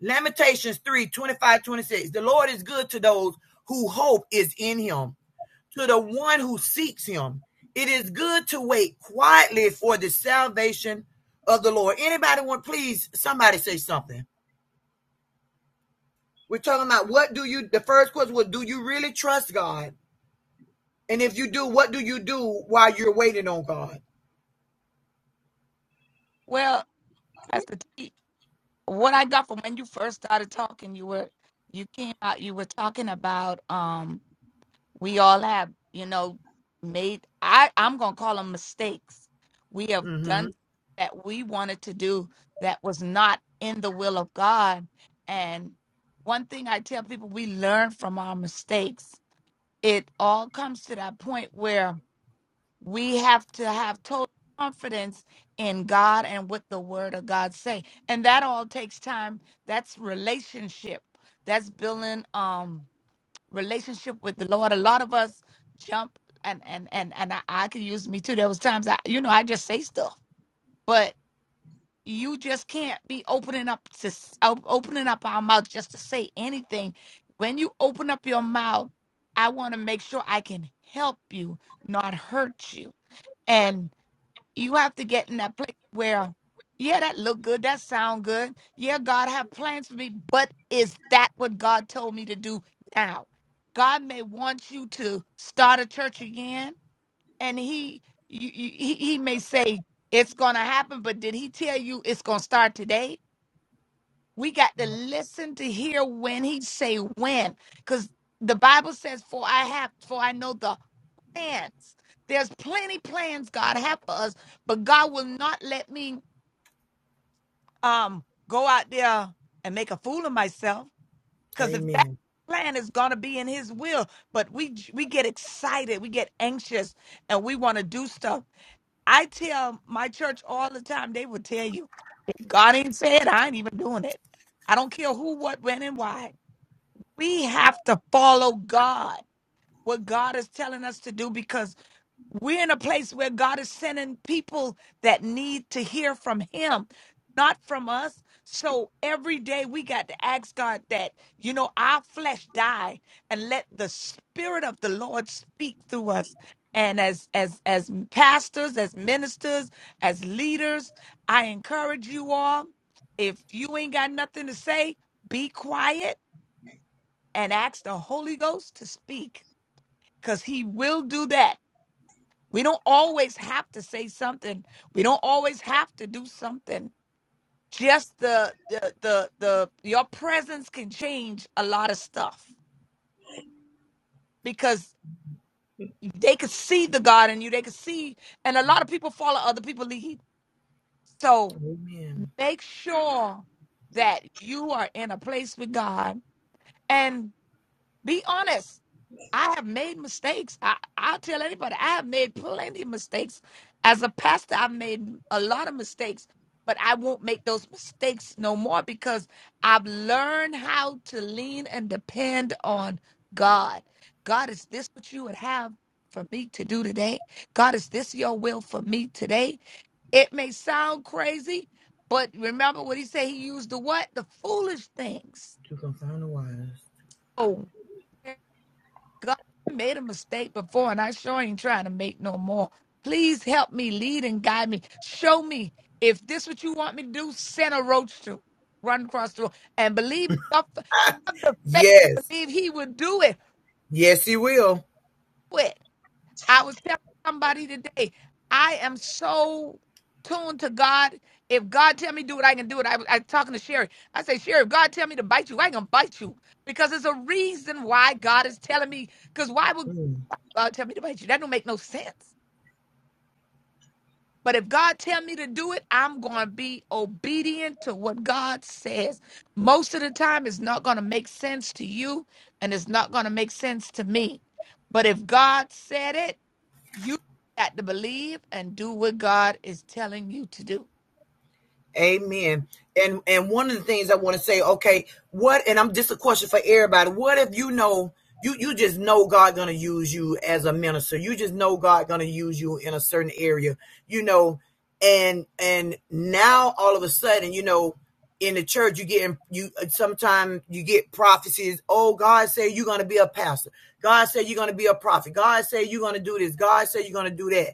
Speaker 6: Lamentations 3 25 26. The Lord is good to those who hope is in him, to the one who seeks him. It is good to wait quietly for the salvation of the Lord. Anybody want, please, somebody say something. We're talking about what do you, the first question was, do you really trust God? And if you do, what do you do while you're waiting on God?
Speaker 1: Well, Pastor T, what I got from when you first started talking, you were you came out, you were talking about um we all have you know made i i'm gonna call them mistakes we have
Speaker 6: Mm-hmm.
Speaker 1: done that we wanted to do that was not in the will of god and one thing i tell people we learn from our mistakes it all comes to that point where we have to have total confidence in god and what the word of god say and that all takes time that's relationship that's building um relationship with the Lord. A lot of us jump and and and and I, I could use me too. There was times I, you know, I just say stuff, but you just can't be opening up to s- o- opening up our mouth just to say anything. When you open up your mouth, I want to make sure I can help you, not hurt you. You have to get in that place where, yeah, that look good, that sound good. Yeah, God have plans for me, but is that what God told me to do now? God may want you to start a church again, and He you, you, he, he may say it's gonna happen, but did He tell you it's gonna start today? We got to listen to hear when he say when, because the Bible says, "For I have, for I know the plans." There's plenty plans God have for us, but God will not let me um go out there and make a fool of myself. Because if that
Speaker 6: Amen.
Speaker 1: plan is gonna be in His will, but we we get excited, we get anxious, and we want to do stuff. I tell my church all the time, they will tell you, God ain't said, I ain't even doing it. I don't care who, what, when, and why. We have to follow God, what God is telling us to do, because we're in a place where God is sending people that need to hear from Him, not from us. So every day we got to ask God that, you know, our flesh die and let the Spirit of the Lord speak through us. And as as as pastors, as ministers, as leaders, I encourage you all. If you ain't got nothing to say, be quiet and ask the Holy Ghost to speak because he will do that. We don't always have to say something. We don't always have to do something. Just the the the, the your presence can change a lot of stuff because they could see the God in you. They could see, and a lot of people follow other people lead. So
Speaker 6: Amen.
Speaker 1: make sure that you are in a place with God. and. Be honest. I have made mistakes. I, I'll tell anybody, I have made plenty of mistakes. As a pastor, I've made a lot of mistakes, but I won't make those mistakes no more because I've learned how to lean and depend on God. God, is this what you would have for me to do today? God, is this your will for me today? It may sound crazy, but remember what he said. He used the what? The foolish things.
Speaker 6: You can find the wise.
Speaker 1: Oh. God I made a mistake before, and I sure ain't trying to make no more. Please help me, lead and guide me. Show me if this what you want me to do. Send a roach to run across the road, and believe me, have the faith to
Speaker 6: Yes.
Speaker 1: believe He would do it.
Speaker 6: Yes, he will.
Speaker 1: Quit. I was telling somebody today, I am so tuned to God. If God tell me do it, I can do it. I was I was talking to Sherry. I say, Sherry, if God tell me to bite you, I ain't gonna bite you because there's a reason why God is telling me. Because why would
Speaker 6: Mm.
Speaker 1: God tell me to wait you. That don't make no sense. But if God tell me to do it, I'm going to be obedient to what God says. Most of the time, it's not going to make sense to you, and it's not going to make sense to me. But if God said it, you got to believe and do what God is telling you to do.
Speaker 6: Amen. And and one of the things I want to say, okay, what and I'm just a question for everybody. What if you know you you just know God gonna use you as a minister. You just know God gonna use you in a certain area, you know, and and now all of a sudden, you know, in the church you get you sometimes you get prophecies, oh God said you're gonna be a pastor. God said you're gonna be a prophet. God said you're gonna do this. God said you're gonna do that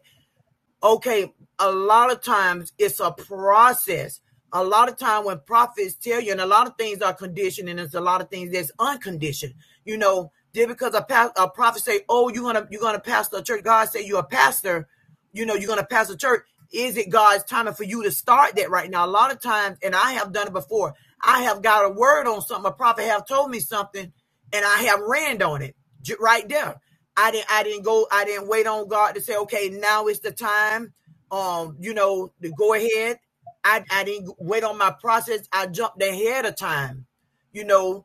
Speaker 6: okay a lot of times it's a process a lot of time when prophets tell you and a lot of things are conditioned and there's a lot of things that's unconditioned you know just because a, pa- a prophet say oh you're gonna you're gonna pastor a church god say you're a pastor you know you're gonna pastor a church is it god's timing for you to start that right now a lot of times and i have done it before i have got a word on something a prophet have told me something and I have ran on it right there. I didn't I didn't go I didn't wait on God to say okay now is the time um you know to go ahead. I I didn't wait on my process. I jumped ahead of time, you know.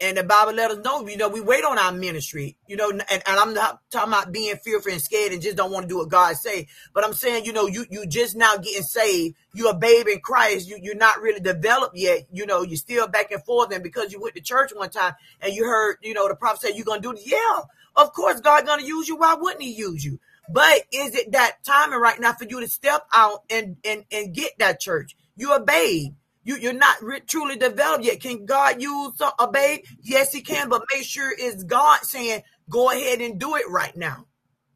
Speaker 6: And the Bible let us know, you know, we wait on our ministry, you know, and, and I'm not talking about being fearful and scared and just don't want to do what God say. But I'm saying, you know, you you just now getting saved. You're a babe in Christ. You you're not really developed yet. You know, you're still back and forth. And because you went to church one time and you heard, you know, the prophet said you're gonna do this. Yeah, of course God gonna use you. Why wouldn't he use you? But is it that timing right now for you to step out and and and get that church? You're a babe. You, you're not re- truly developed yet. Can God use some, a babe? Yes, He can, but make sure it's God saying, "Go ahead and do it right now."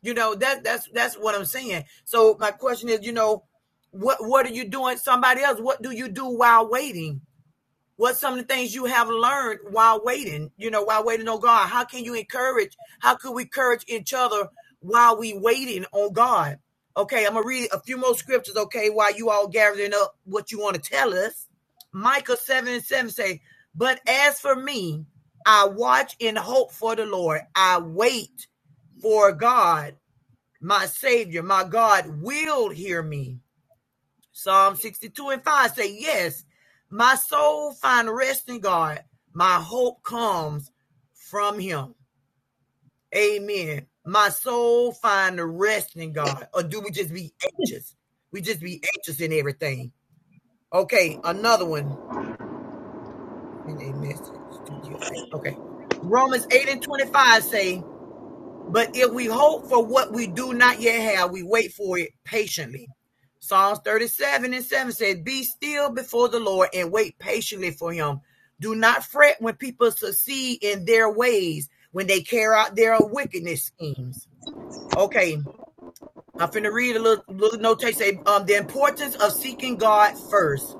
Speaker 6: You know that that's that's what I'm saying. So my question is, you know, what what are you doing? Somebody else, what do you do while waiting? What some of the things you have learned while waiting, you know, while waiting on God? How can you encourage? How could we encourage each other while we waiting on God? Okay, I'm gonna read a few more scriptures, okay, while you all gathering up what you want to tell us. Micah 7 and 7 say, But as for me, I watch and hope for the Lord. I wait for God, my Savior, my God will hear me. Psalm 62 and 5 say, Yes, my soul find rest in God. My hope comes from him. Amen. My soul find rest in God. Or do we just be anxious? We just be anxious in everything. Okay, another one in a message to give thanks. Okay. Romans 8 and 25 say, But if we hope for what we do not yet have, we wait for it patiently. Psalms 37 and 7 says, Be still before the Lord and wait patiently for him. Do not fret when people succeed in their ways, when they carry out their wickedness schemes. Okay, I'm finna read a little, little notation. Say, um, the importance of seeking God first.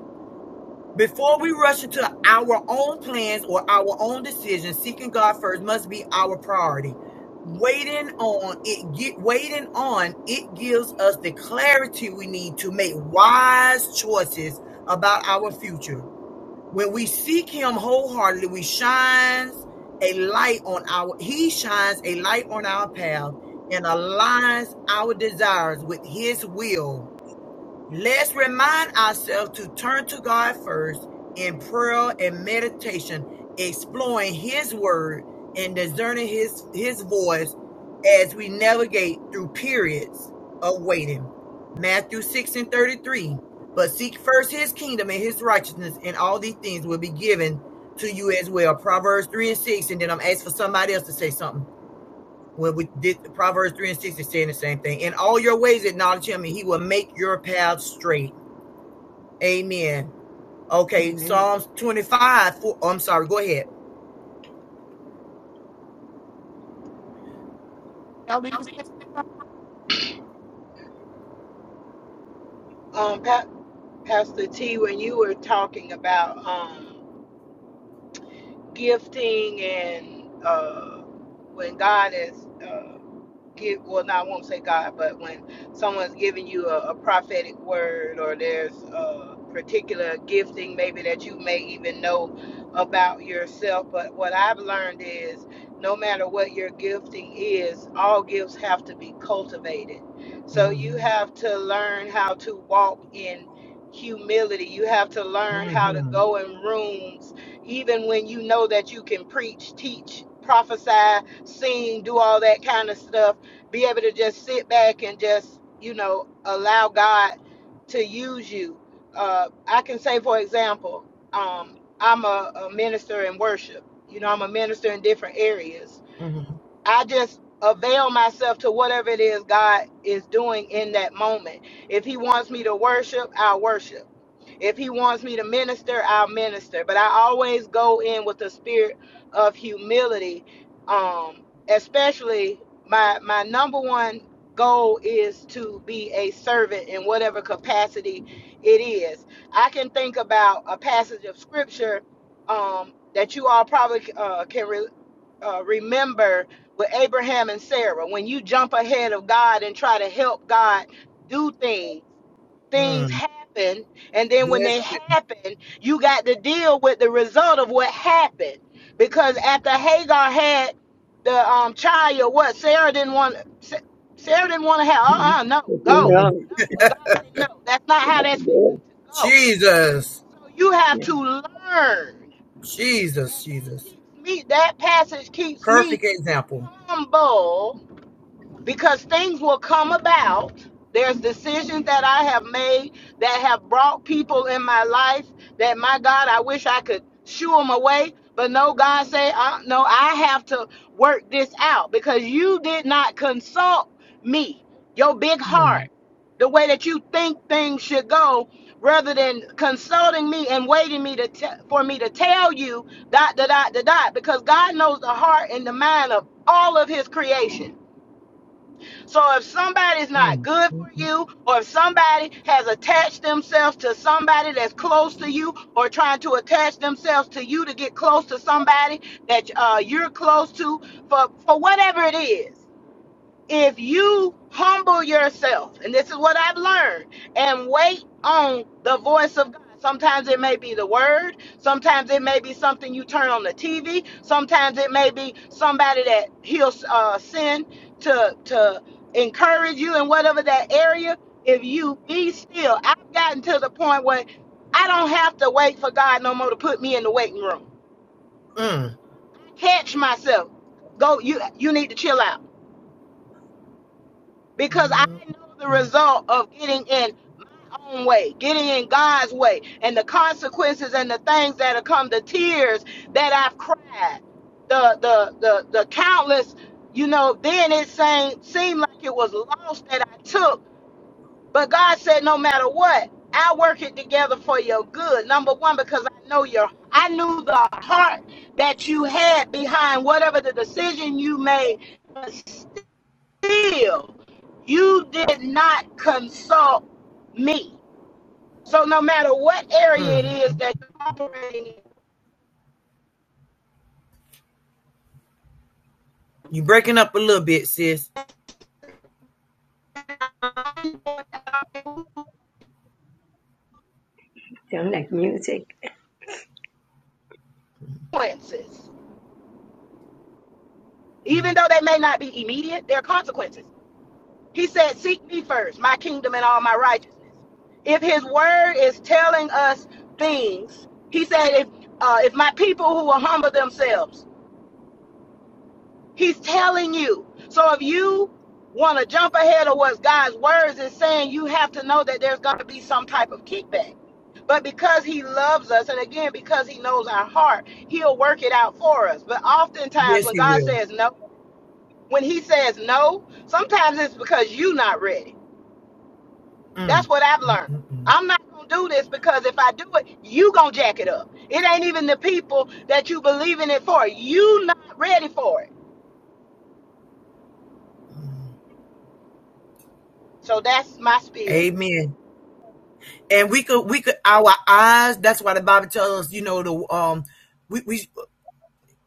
Speaker 6: Before we rush into our own plans or our own decisions, seeking God first must be our priority. Waiting on it, get, waiting on it gives us the clarity we need to make wise choices about our future. When we seek Him wholeheartedly, we shines a light on our. He shines a light on our path and aligns our desires with His will Let's remind ourselves to turn to God first in prayer and meditation, exploring His Word and discerning His His voice as we navigate through periods of waiting. Matthew six and thirty three. But seek first His kingdom and His righteousness, and all these things will be given to you as well. Proverbs three and six. And then I'm asked for somebody else to say something. When we did Proverbs three and six is saying the same thing. In all your ways acknowledge Him, and He will make your path straight. Amen. Okay,
Speaker 4: Amen.
Speaker 6: Psalms 25. For, I'm sorry, go ahead.
Speaker 1: Elder, you say,
Speaker 5: Pastor T, when you were talking about um, gifting and uh, when God is uh, give well, no, I won't say God, but when someone's giving you a, a prophetic word or there's a particular gifting, maybe that you may even know about yourself. But what I've learned is, no matter what your gifting is, all gifts have to be cultivated. So
Speaker 6: hmm
Speaker 5: you have to learn how to walk in humility. You have to learn how to
Speaker 6: hmm
Speaker 5: go in rooms even when you know that you can preach, teach, prophesy, sing, do all that kind of stuff, be able to just sit back and just, you know, allow God to use you. Uh, I can say, for example, um, I'm a, a minister in worship. You know, I'm a minister in different areas I just avail myself to whatever it is God is doing in that moment. If He wants me to worship, I'll worship. If He wants me to minister, I'll minister. But I always go in with a spirit of humility. Um, especially my my number one goal is to be a servant in whatever capacity it is. I can think about a passage of scripture um, that you all probably uh, can relate uh, remember with Abraham and Sarah, when you jump ahead of God and try to help God do things, things
Speaker 6: hmm
Speaker 5: happen. And then when
Speaker 6: Yes.
Speaker 5: they happen, you got to deal with the result of what happened. Because after Hagar had the um, child, what Sarah didn't want, Sa- Sarah didn't want to have. Uh, uh no,
Speaker 4: Nothing
Speaker 5: go,
Speaker 6: mhm.
Speaker 5: no. But God said no. That's not how that's fixing
Speaker 4: wrong.
Speaker 5: to go.
Speaker 6: Jesus.
Speaker 5: So you have
Speaker 4: Yeah.
Speaker 5: to learn. And
Speaker 6: Jesus,
Speaker 5: that
Speaker 6: Jesus.
Speaker 5: keeps me, that passage keeps me
Speaker 6: Perfect example.
Speaker 5: humble because things will come about. There's decisions that I have made that have brought people in my life that my God, I wish I could shoo them away. But no, God say, uh, no, I have to work this out because you did not consult me, your big
Speaker 6: Mm,
Speaker 5: heart, the way that you think things should go, rather than consulting me and waiting me to te- for me to tell you dot, dot, dot, dot, dot. Because God knows the heart and the mind of all of His creation. So if somebody's not
Speaker 6: mm,
Speaker 5: good for
Speaker 6: mm,
Speaker 5: you, or if somebody has attached themselves to somebody that's close to you, or trying to attach themselves to you to get close to somebody that uh, you're close to, for for whatever it is, if you humble yourself, and this is what I've learned, and wait on the voice of God. Sometimes it may be the word, sometimes it may be something you turn on the TV, sometimes it may be somebody that he'll uh, send to to encourage you in whatever that area. If you be still, I've gotten to the point where I don't have to wait for God no more to put me in the waiting room.
Speaker 6: mm,
Speaker 5: Catch myself. Go, you you need to chill out because I
Speaker 6: mm,
Speaker 5: know the result of getting in my own way, getting in God's way, and the consequences and the things that have come, the tears that I've cried, the the the the countless, you know, then it seemed seemed like it was lost that I took. But God said, no matter what, I work it together for your good. Number one, because I know your I knew the heart that you had behind whatever the decision you made still, you did not consult me. So no matter what area it
Speaker 6: mm.
Speaker 5: is that you're operating in,
Speaker 6: You breaking up a little bit, sis.
Speaker 4: Sound like music.
Speaker 5: consequences, even though they may not be immediate, there are consequences. He said, Seek me first, my kingdom and all my righteousness if his word is telling us things he said if uh, if my people who will humble themselves He's telling you. So if you want to jump ahead of what God's words is saying, you have to know that there's going to be some type of kickback. But because he loves us, and again, because he knows our heart, he'll work it out for us. But oftentimes
Speaker 6: Yes,
Speaker 5: when
Speaker 6: he
Speaker 5: God
Speaker 6: will.
Speaker 5: says no, when he says no, sometimes it's because you're not ready. That's
Speaker 6: Mm,
Speaker 5: what I've
Speaker 6: mm,
Speaker 5: learned.
Speaker 6: mm, mm.
Speaker 5: I'm not going to do this because if I do it, you going to jack it up. It ain't even the people that you believe in it for. You not ready for it. So that's my spiel.
Speaker 6: Amen. And we could, we could, our eyes. That's why the Bible tells us, you know, the um, we we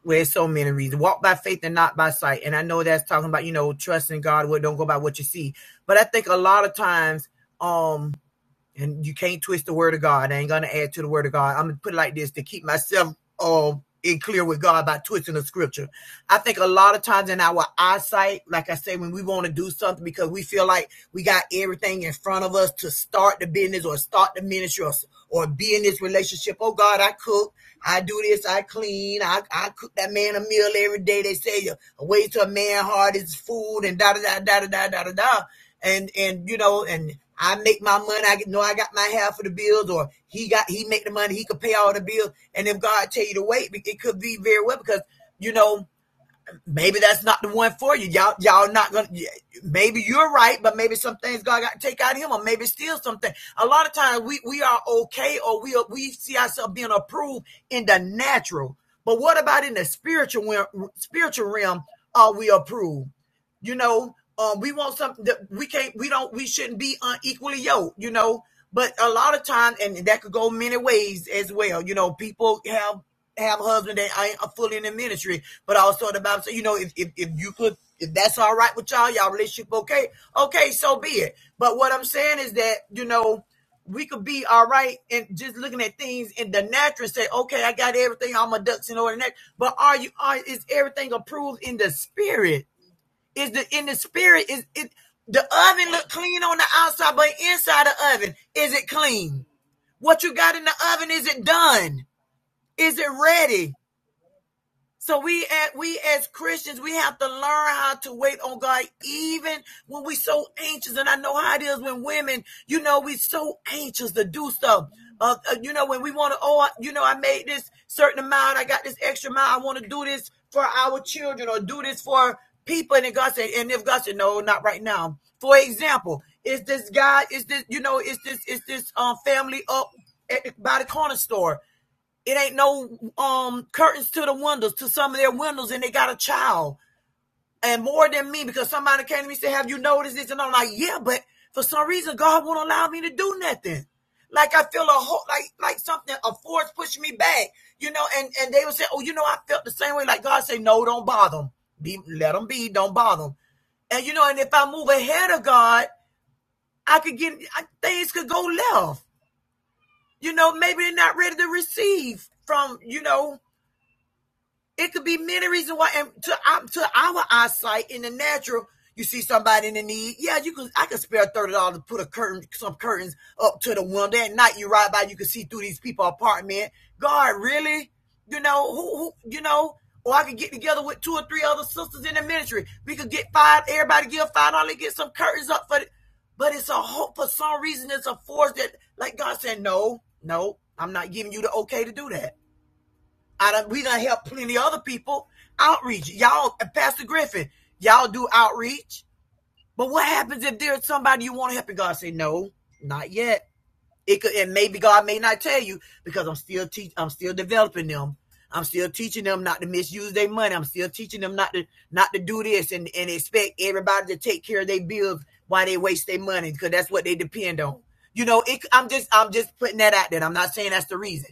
Speaker 6: Well, there's so many reasons. Walk by faith and not by sight. And I know that's talking about, you know, trusting God, what don't go by what you see. But I think a lot of times, um, and you can't twist the word of God. I ain't gonna add to the word of God. I'm gonna put it like this to keep myself um in clear with God by twisting the scripture. I think a lot of times in our eyesight, like I say, when we want to do something because we feel like we got everything in front of us to start the business or start the ministry or, or be in this relationship. Oh God, I cook. I do this, I clean, I, I cook that man a meal every day. They say uh, a way to a man heart is food and da da da da da da da da da. And and you know, and I make my money. I get- know I got my half of the bills, or he got he make the money. He could pay all the bills. And if God tell you to wait, it could be very well because you know maybe that's not the one for you. Y'all, y'all not gonna. Maybe you're right, but maybe some things God got to take out of him, or maybe steal something. A lot of times we we are okay, or we we see ourselves being approved in the natural. But what about in the spiritual spiritual realm? Are we approved? You know, um, we want something that we can't. We don't. We shouldn't be unequally yoked. You know. But a lot of times, and that could go many ways as well. You know, people have have husbands that ain't fully in the ministry but also the Bible says, you know, if, if if you could, if that's all right with y'all, y'all relationship okay, okay, so be it. But what I'm saying is that you know we could be all right and just looking at things in the natural and say, okay, I got everything, all my ducks in order. But are you are is everything approved in the spirit? Is the in the spirit is it the oven look clean on the outside, but inside the oven is it clean? What you got in the oven is it done? Is it ready? So we we as Christians, we have to learn how to wait on God even when we so anxious. And I know how it is when women, you know, we so anxious to do stuff. Uh, uh, you know, when we want to, oh, you know, I made this certain amount, I got this extra amount, I want to do this for our children or do this for people. And then God said, and if God said, no, not right now. For example, is this guy, is this, you know, is this, is this um, family up at, by the corner store? It ain't no um curtains to the windows, to some of their windows, and they got a child. And more than me, because somebody came to me and said, Have you noticed this? And I'm like, Yeah, but for some reason God won't allow me to do nothing. Like I feel a whole like like something, a force pushing me back. You know, and, and they would say, Oh, you know, I felt the same way. Like God say, No, don't bother them. Be let them be, don't bother them. And you know, and if I move ahead of God, I could get I, things could go left. You know, maybe they're not ready to receive from, you know. It could be many reasons why. And to, um, to our eyesight in the natural, you see somebody in the need. Yeah, you can. I can spare thirty dollars to put a curtain, some curtains up to the window at night. You ride by, you can see through these people's apartment. God, really? You know who? who you know? Or I could get together with two or three other sisters in the ministry. We could get five. Everybody give five dollars, get some curtains up for. The, but it's a hope for some reason. It's a force that, like God said, no, no, I'm not giving you the okay to do that. I done, we done help plenty of other people outreach. Y'all, Pastor Griffin, y'all do outreach. But what happens if there's somebody you want to help and God say, no, not yet. It could, and maybe God may not tell you because I'm still teach, I'm still developing them. I'm still teaching them not to misuse their money. I'm still teaching them not to not to do this and, and expect everybody to take care of their bills while they waste their money because that's what they depend on. You know, it, I'm just I'm just putting that out there. I'm not saying that's the reason.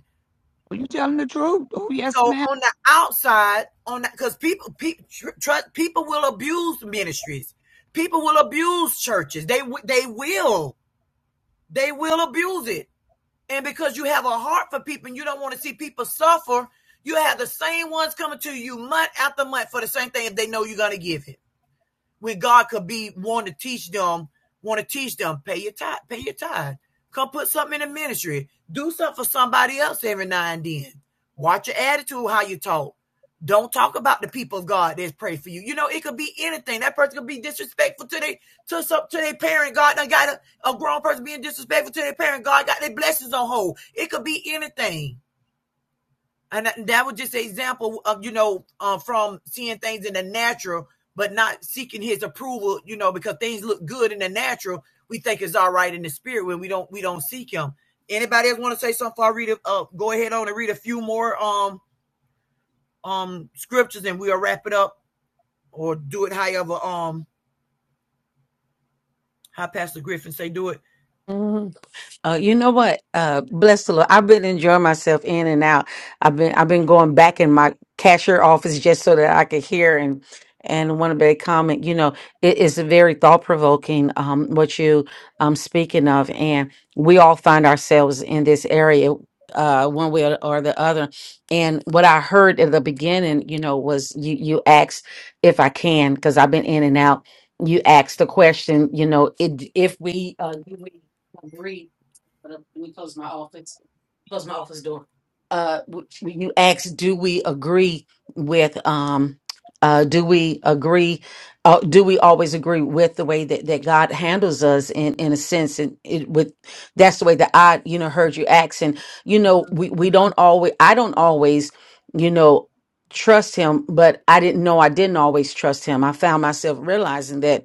Speaker 1: are you telling the truth? Oh, yes,
Speaker 6: So
Speaker 1: ma'am.
Speaker 6: on the outside, on that, because people people trust people will abuse ministries, people will abuse churches. They they will they will abuse it, and because you have a heart for people and you don't want to see people suffer, you have the same ones coming to you month after month for the same thing if they know you're gonna give it where God could be want to teach them, want to teach them, pay your tithe, pay your tithe. Come put something in the ministry. Do something for somebody else every now and then. Watch your attitude, how you talk. Don't talk about the people of God that pray for you. You know, it could be anything. That person could be disrespectful to their to some to their parent. God done got a, a grown person being disrespectful to their parent. God got their blessings on hold. It could be anything and that was just an example of you know uh, from seeing things in the natural but not seeking his approval you know because things look good in the natural we think it's all right in the spirit when we don't we don't seek him anybody else want to say something i read a, uh, go ahead on and read a few more um um scriptures and we'll wrap it up or do it however um how pastor griffin say do it
Speaker 8: Mhm. Uh, you know what? Uh, bless the Lord. I've been enjoying myself in and out. I've been I've been going back in my cashier office just so that I could hear and and want to make a comment. You know, it is very thought provoking. Um, what you um speaking of, and we all find ourselves in this area, uh, one way or or the other. And what I heard at the beginning, you know, was you you asked if I can because I've been in and out. You asked the question, you know, it, if we uh, do we agree but if we close my office, close my office door. uh w- you asked do we agree with um uh do we agree uh, do we always agree with the way that, that God handles us in in a sense and it with that's the way that I you know heard you ask and you know we we don't always I don't always you know trust him but I didn't know I didn't always trust him I found myself realizing that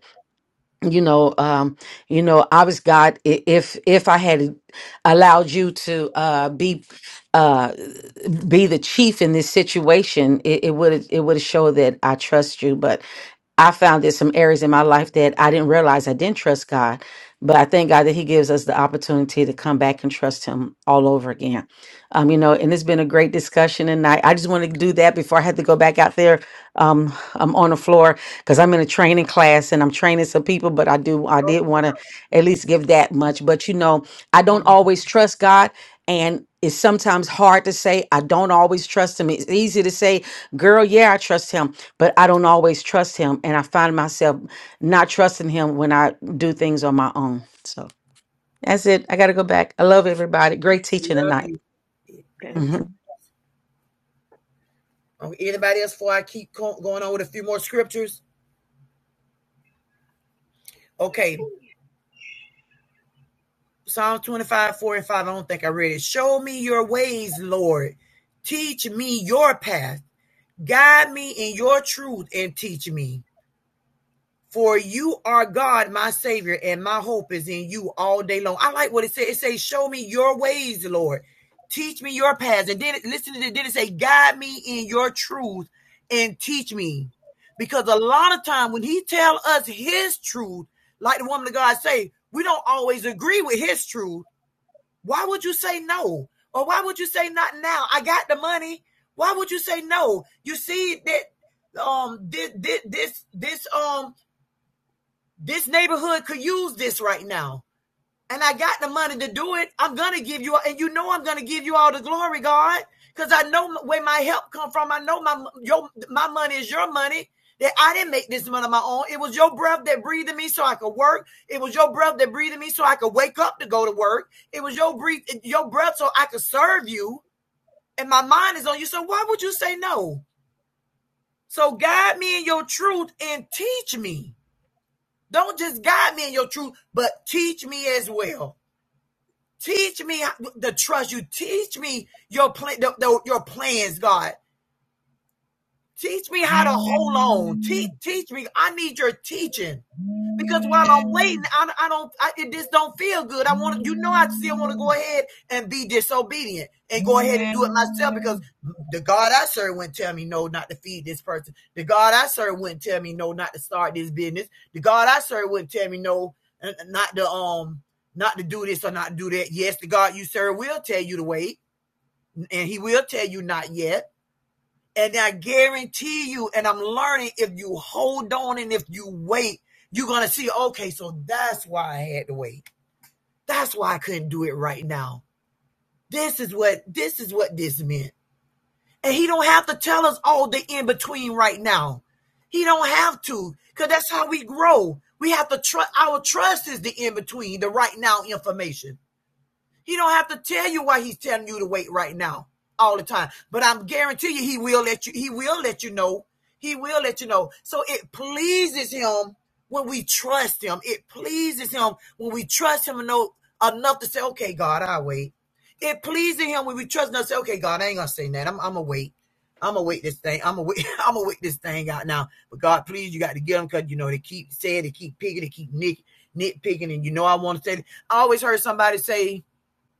Speaker 8: you know um you know i was god i- if if i had allowed you to uh be uh be the chief in this situation, it would it would have showed that I trust you. But I found there's some areas in my life that I didn't realize I didn't trust God. But I thank God that He gives us the opportunity to come back and trust Him all over again. Um, you know, and it's been a great discussion tonight. I just wanted to do that before I had to go back out there. Um, I'm on the floor because I'm in a training class and I'm training some people. But I do, I
Speaker 6: oh,
Speaker 8: did want to at least give that much. But you know, I don't
Speaker 6: amen.
Speaker 8: always trust God and it's sometimes hard to say i don't always trust him it's easy to say girl yeah i trust him but i don't always trust him and i find myself not trusting him when i do things on my own so that's it i gotta go back i love everybody great teaching
Speaker 6: I love
Speaker 8: tonight
Speaker 6: you.
Speaker 4: Thank you.
Speaker 6: Um, anybody else before i keep going on with a few more scriptures okay Psalm 25, 4 and 5. I don't think I read it. Show me your ways, Lord. Teach me your path. Guide me in your truth and teach me. For you are God, my Savior, and my hope is in you all day long. I like what it says. It says, Show me your ways, Lord. Teach me your paths. And then it- listen to it. Then it say, Guide me in your truth and teach me. Because a lot of time when he tell us his truth, like the woman of God say, we don't always agree with his truth why would you say no? Or why would you say not now? I got the money. Why would you say no? You see that um this this this um this neighborhood could use this right now and I got the money to do it, I'm gonna give you, and you know I'm gonna give you all the glory, God, because I know where my help come from. I know my your my money is your money. That I didn't make this money on my own. It was your breath that breathed in me so I could work. It was your breath that breathed in me so I could wake up to go to work. It was your breath, your breath so I could serve you. And my mind is on you. So why would you say no? So guide me in your truth and teach me. Don't just guide me in your truth, but teach me as well. Teach me the trust you. Teach me your plan, the, the- your plans, God. Teach me how to hold on. Teach, teach me. I need your teaching because while I'm waiting, I, I don't. I, it just don't feel good. I want to. You know, I still want to go ahead and be disobedient and go ahead and do it myself because the God I serve wouldn't tell me no not to feed this person. The God I serve wouldn't tell me no not to start this business. The God I serve wouldn't tell me no uh, uh, not to um not to do this or not to do that. Yes, the God you serve will tell you to wait, and He will tell you not yet and I guarantee you, and I'm learning if you hold on and if you wait, you're going to see, okay, so that's why I had to wait. That's why I couldn't do it right now. This is what this is what this meant. And he don't have to tell us all the in between right now. He don't have to cuz that's how we grow. We have to trust our trust is the in between, the right now information. He don't have to tell you why he's telling you to wait right now all the time. But I'm guarantee you he will let you he will let you know. He will let you know. So it pleases him when we trust him. It pleases him when we trust him eno- enough to say, okay, God, I'll wait. It pleases him when we trust him to say, okay, God, I ain't gonna say that. I'm I'm gonna wait. I'm gonna wait this thing. I'm gonna wait. I'm gonna wait this thing out now. But God, please, you got to get them because you know they keep saying, they keep picking, they keep nit nitpicking, and you know I want to say. I always heard somebody say,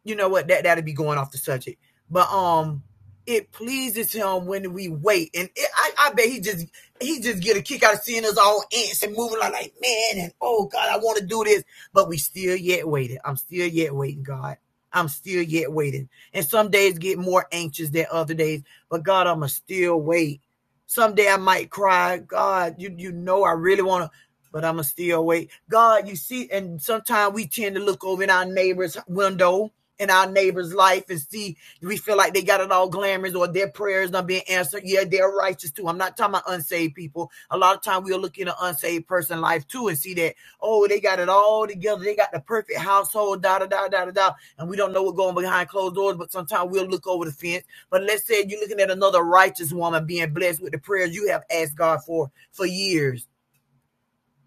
Speaker 6: you know what that that'd be going off the subject but um it pleases him when we wait and it, I, I bet he just he just get a kick out of seeing us all ants and moving like, like man and oh god i want to do this but we still yet waiting i'm still yet waiting god i'm still yet waiting and some days get more anxious than other days but god i'ma still wait someday i might cry god you you know i really want to but i'ma still wait god you see and sometimes we tend to look over in our neighbor's window in our neighbor's life and see we feel like they got it all glamorous or their prayers not being answered. Yeah, they're righteous too. I'm not talking about unsaved people. A lot of time we'll look in an unsaved person life too and see that, oh, they got it all together. They got the perfect household, da da da da da da. And we don't know what's going behind closed doors, but sometimes we'll look over the fence. But let's say you're looking at another righteous woman being blessed with the prayers you have asked God for for years.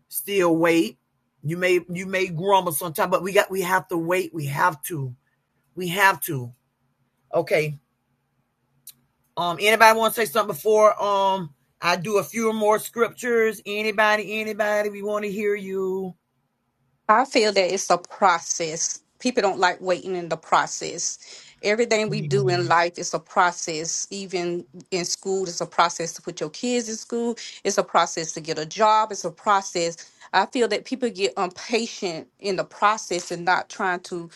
Speaker 6: Still wait. You may you may grumble sometimes, but we got we have to wait. We have to. We have to Okay. Um, anybody want to say something before um I do a few more scriptures? Anybody, anybody, we want to hear you.
Speaker 9: I feel that it's a process. People don't like waiting in the process. Everything we do in
Speaker 6: Mm,
Speaker 9: life is a process. Even in school, it's a process to put your kids in school. It's a process to get a job. It's a process. I feel that people get impatient in the process and not trying to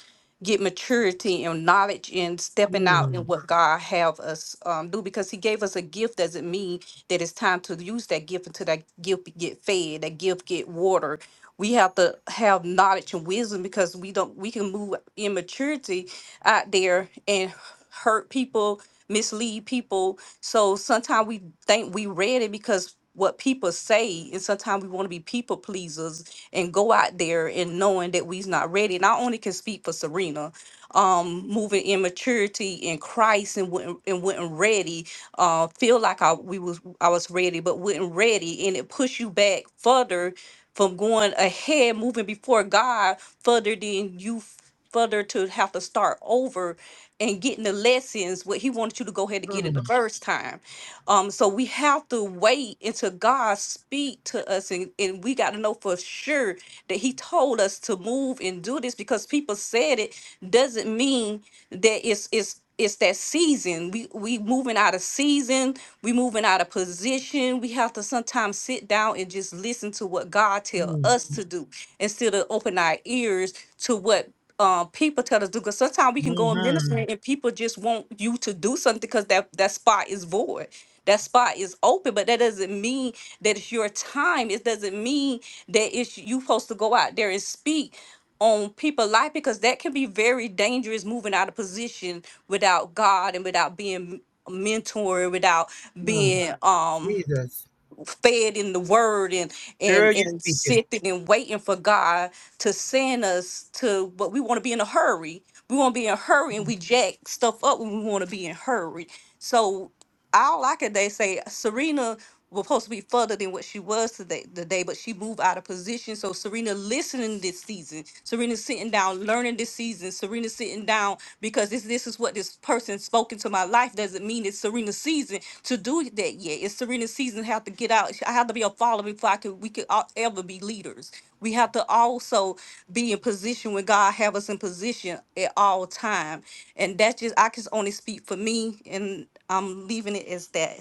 Speaker 9: get maturity and knowledge in stepping out in
Speaker 6: mm,
Speaker 9: what God have us um, do because He gave us a gift doesn't mean that it's time to use that gift until that gift get fed, that gift get water. We have to have knowledge and wisdom because we don't we can move in maturity out there and hurt people, mislead people. So sometimes we think we read it because what people say, and sometimes we want to be people pleasers and go out there and knowing that we's not ready. And I only can speak for Serena, um, moving in maturity in Christ and wasn't, and wasn't ready, uh, feel like I we was I was ready, but wasn't ready, and it pushed you back further from going ahead, moving before God further than you f- further to have to start over and getting the lessons what he wanted you to go ahead and get it the
Speaker 6: mm,
Speaker 9: first time um, so we have to wait until God speak to us, and, and we got to know for sure that He told us to move and do this because people said it doesn't mean that it's it's it's that season. We we moving out of season. We moving out of position. We have to sometimes sit down and just listen to what God tell
Speaker 6: mm,
Speaker 9: us to do instead of open our ears to what um, people tell us to do. Because sometimes we can go in ministry
Speaker 6: mhm,
Speaker 9: and people just want you to do something because that that spot is void that spot is open, but that doesn't mean that it's your time. It doesn't mean that it's you supposed to go out there and speak on people life because that can be very dangerous moving out of position without God and without being mentored, without
Speaker 6: mm.
Speaker 9: being Right. um
Speaker 6: Jesus.
Speaker 9: fed in the word and
Speaker 6: Girl,
Speaker 9: and
Speaker 6: you
Speaker 9: and
Speaker 6: speaking.
Speaker 9: sitting and waiting for God to send us to what we want to be in a hurry. We want to be in a hurry and we jack stuff up when we want to be in a hurry. So all I could they say Serena was supposed to be further than what she was today today, but she moved out of position. So Serena listening this season. Serena sitting down learning this season. Serena sitting down because this this is what this person spoke into my life doesn't mean it's Serena's season to do that yet. It's Serena's season have to get out. I have to be a follower before I can we could all, ever be leaders. We have to also be in position when God have us in position at all time, and that's just I can only speak for me, and I'm leaving it as that.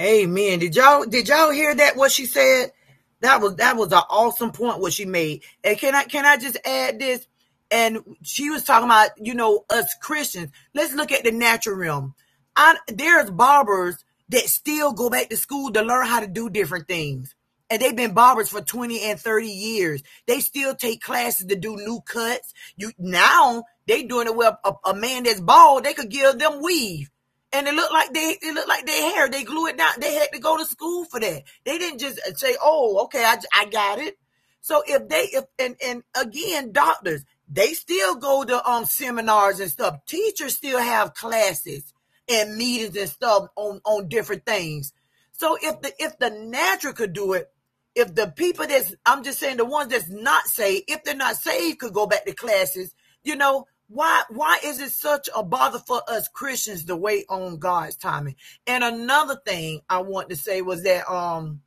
Speaker 6: Amen. Did y'all did y'all hear that what she said? That was that was an awesome point what she made. And can I can I just add this? And she was talking about, you know, us Christians. Let's look at the natural realm. I, there's barbers that still go back to school to learn how to do different things. And they've been barbers for 20 and 30 years. They still take classes to do new cuts. You now they doing it with a, a man that's bald, they could give them weave. And it looked like they it looked like their hair. They glue it down. They had to go to school for that. They didn't just say, "Oh, okay, I I got it." So if they if and and again, doctors they still go to um seminars and stuff. Teachers still have classes and meetings and stuff on on different things. So if the if the natural could do it, if the people that's I'm just saying the ones that's not saved, if they're not saved, could go back to classes. You know why? Why is it such a bother for us Christians to wait on God's timing? And another thing I want to say was that um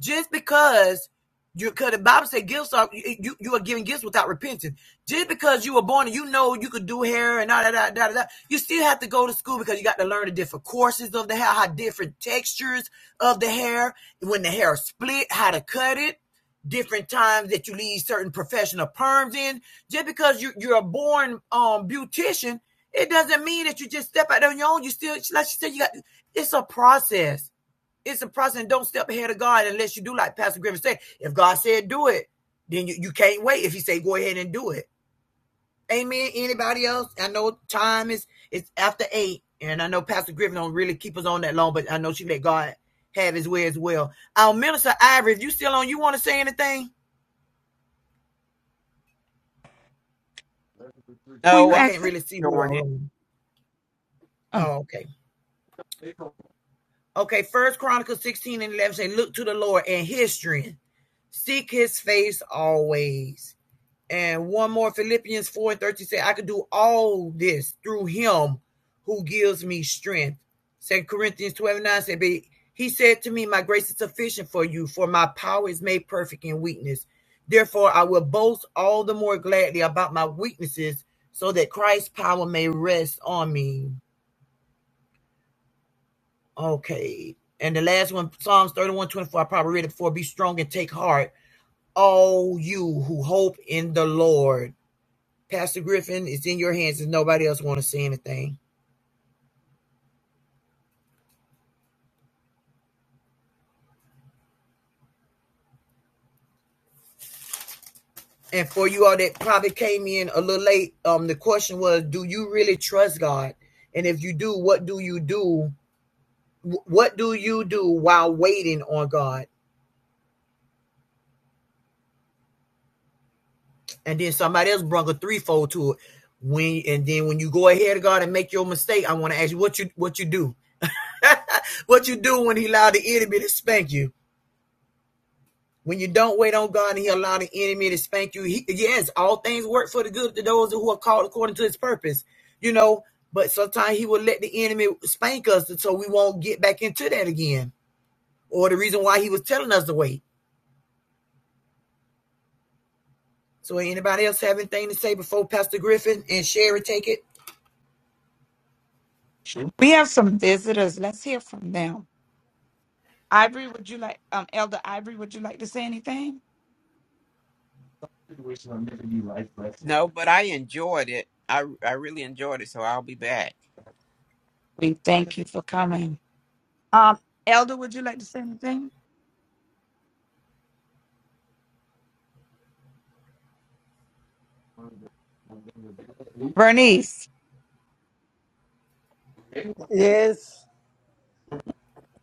Speaker 6: just because you could the Bible said gifts are you, you are giving gifts without repentance. Just because you were born and you know you could do hair and da da da da da, you still have to go to school because you got to learn the different courses of the hair, how different textures of the hair, when the hair is split, how to cut it, different times that you leave certain professional perms in. Just because you you're a born um beautician, it doesn't mean that you just step out on your own. You still like she said, you got it's a process. It's a process. And don't step ahead of God unless you do like Pastor Griffin said. If God said do it, then you, you can't wait. If He say go ahead and do it, Amen. Anybody else? I know time is it's after eight, and I know Pastor Griffin don't really keep us on that long, but I know she let God have His way as well. Our minister Ivory, if you still on, you want to say anything?
Speaker 1: Who
Speaker 10: No,
Speaker 1: you
Speaker 6: I
Speaker 10: I'm just
Speaker 6: can't
Speaker 1: asking?
Speaker 6: really see who
Speaker 10: enjoying
Speaker 6: all
Speaker 10: it.
Speaker 6: on. Oh,
Speaker 1: Oh,
Speaker 6: okay. Okay, First Chronicles 16 and 11 say, Look to the Lord and his strength. Seek his face always. And one more Philippians 4 and 13 said, I can do all this through him who gives me strength. Second Corinthians 12 and 9 said, But he said to me, My grace is sufficient for you, for my power is made perfect in weakness. Therefore, I will boast all the more gladly about my weaknesses, so that Christ's power may rest on me. Okay. And the last one, Psalms 31 24. I probably read it before. Be strong and take heart, all you who hope in the Lord Pastor Griffin, it's in your hands if nobody else want to say anything. And for you all that probably came in a little late, um, the question was, do you really trust God? And if you do, what do you do? What do you do while waiting on God? And then somebody else brought a threefold to it. When and then when you go ahead of God and make your mistake, I want to ask you what you what you do, what you do when He allowed the enemy to spank you. When you don't wait on God and He allow the enemy to spank you, he, yes, all things work for the good to those who are called according to His purpose. You know, but sometimes He will let the enemy spank us so we won't get back into that again, or the reason why He was telling us to wait. So, anybody else have anything to say before Pastor Griffin and Sherry take it?
Speaker 1: shoot. we have some visitors. Let's hear from them. Ivory, would you like, um, Elder Ivory, would you like to say anything?
Speaker 10: No, but I enjoyed it. I I really enjoyed it, so I'll be back.
Speaker 1: We thank you for coming. Um, Elder, would you like to say anything? Bernice,
Speaker 2: Yes,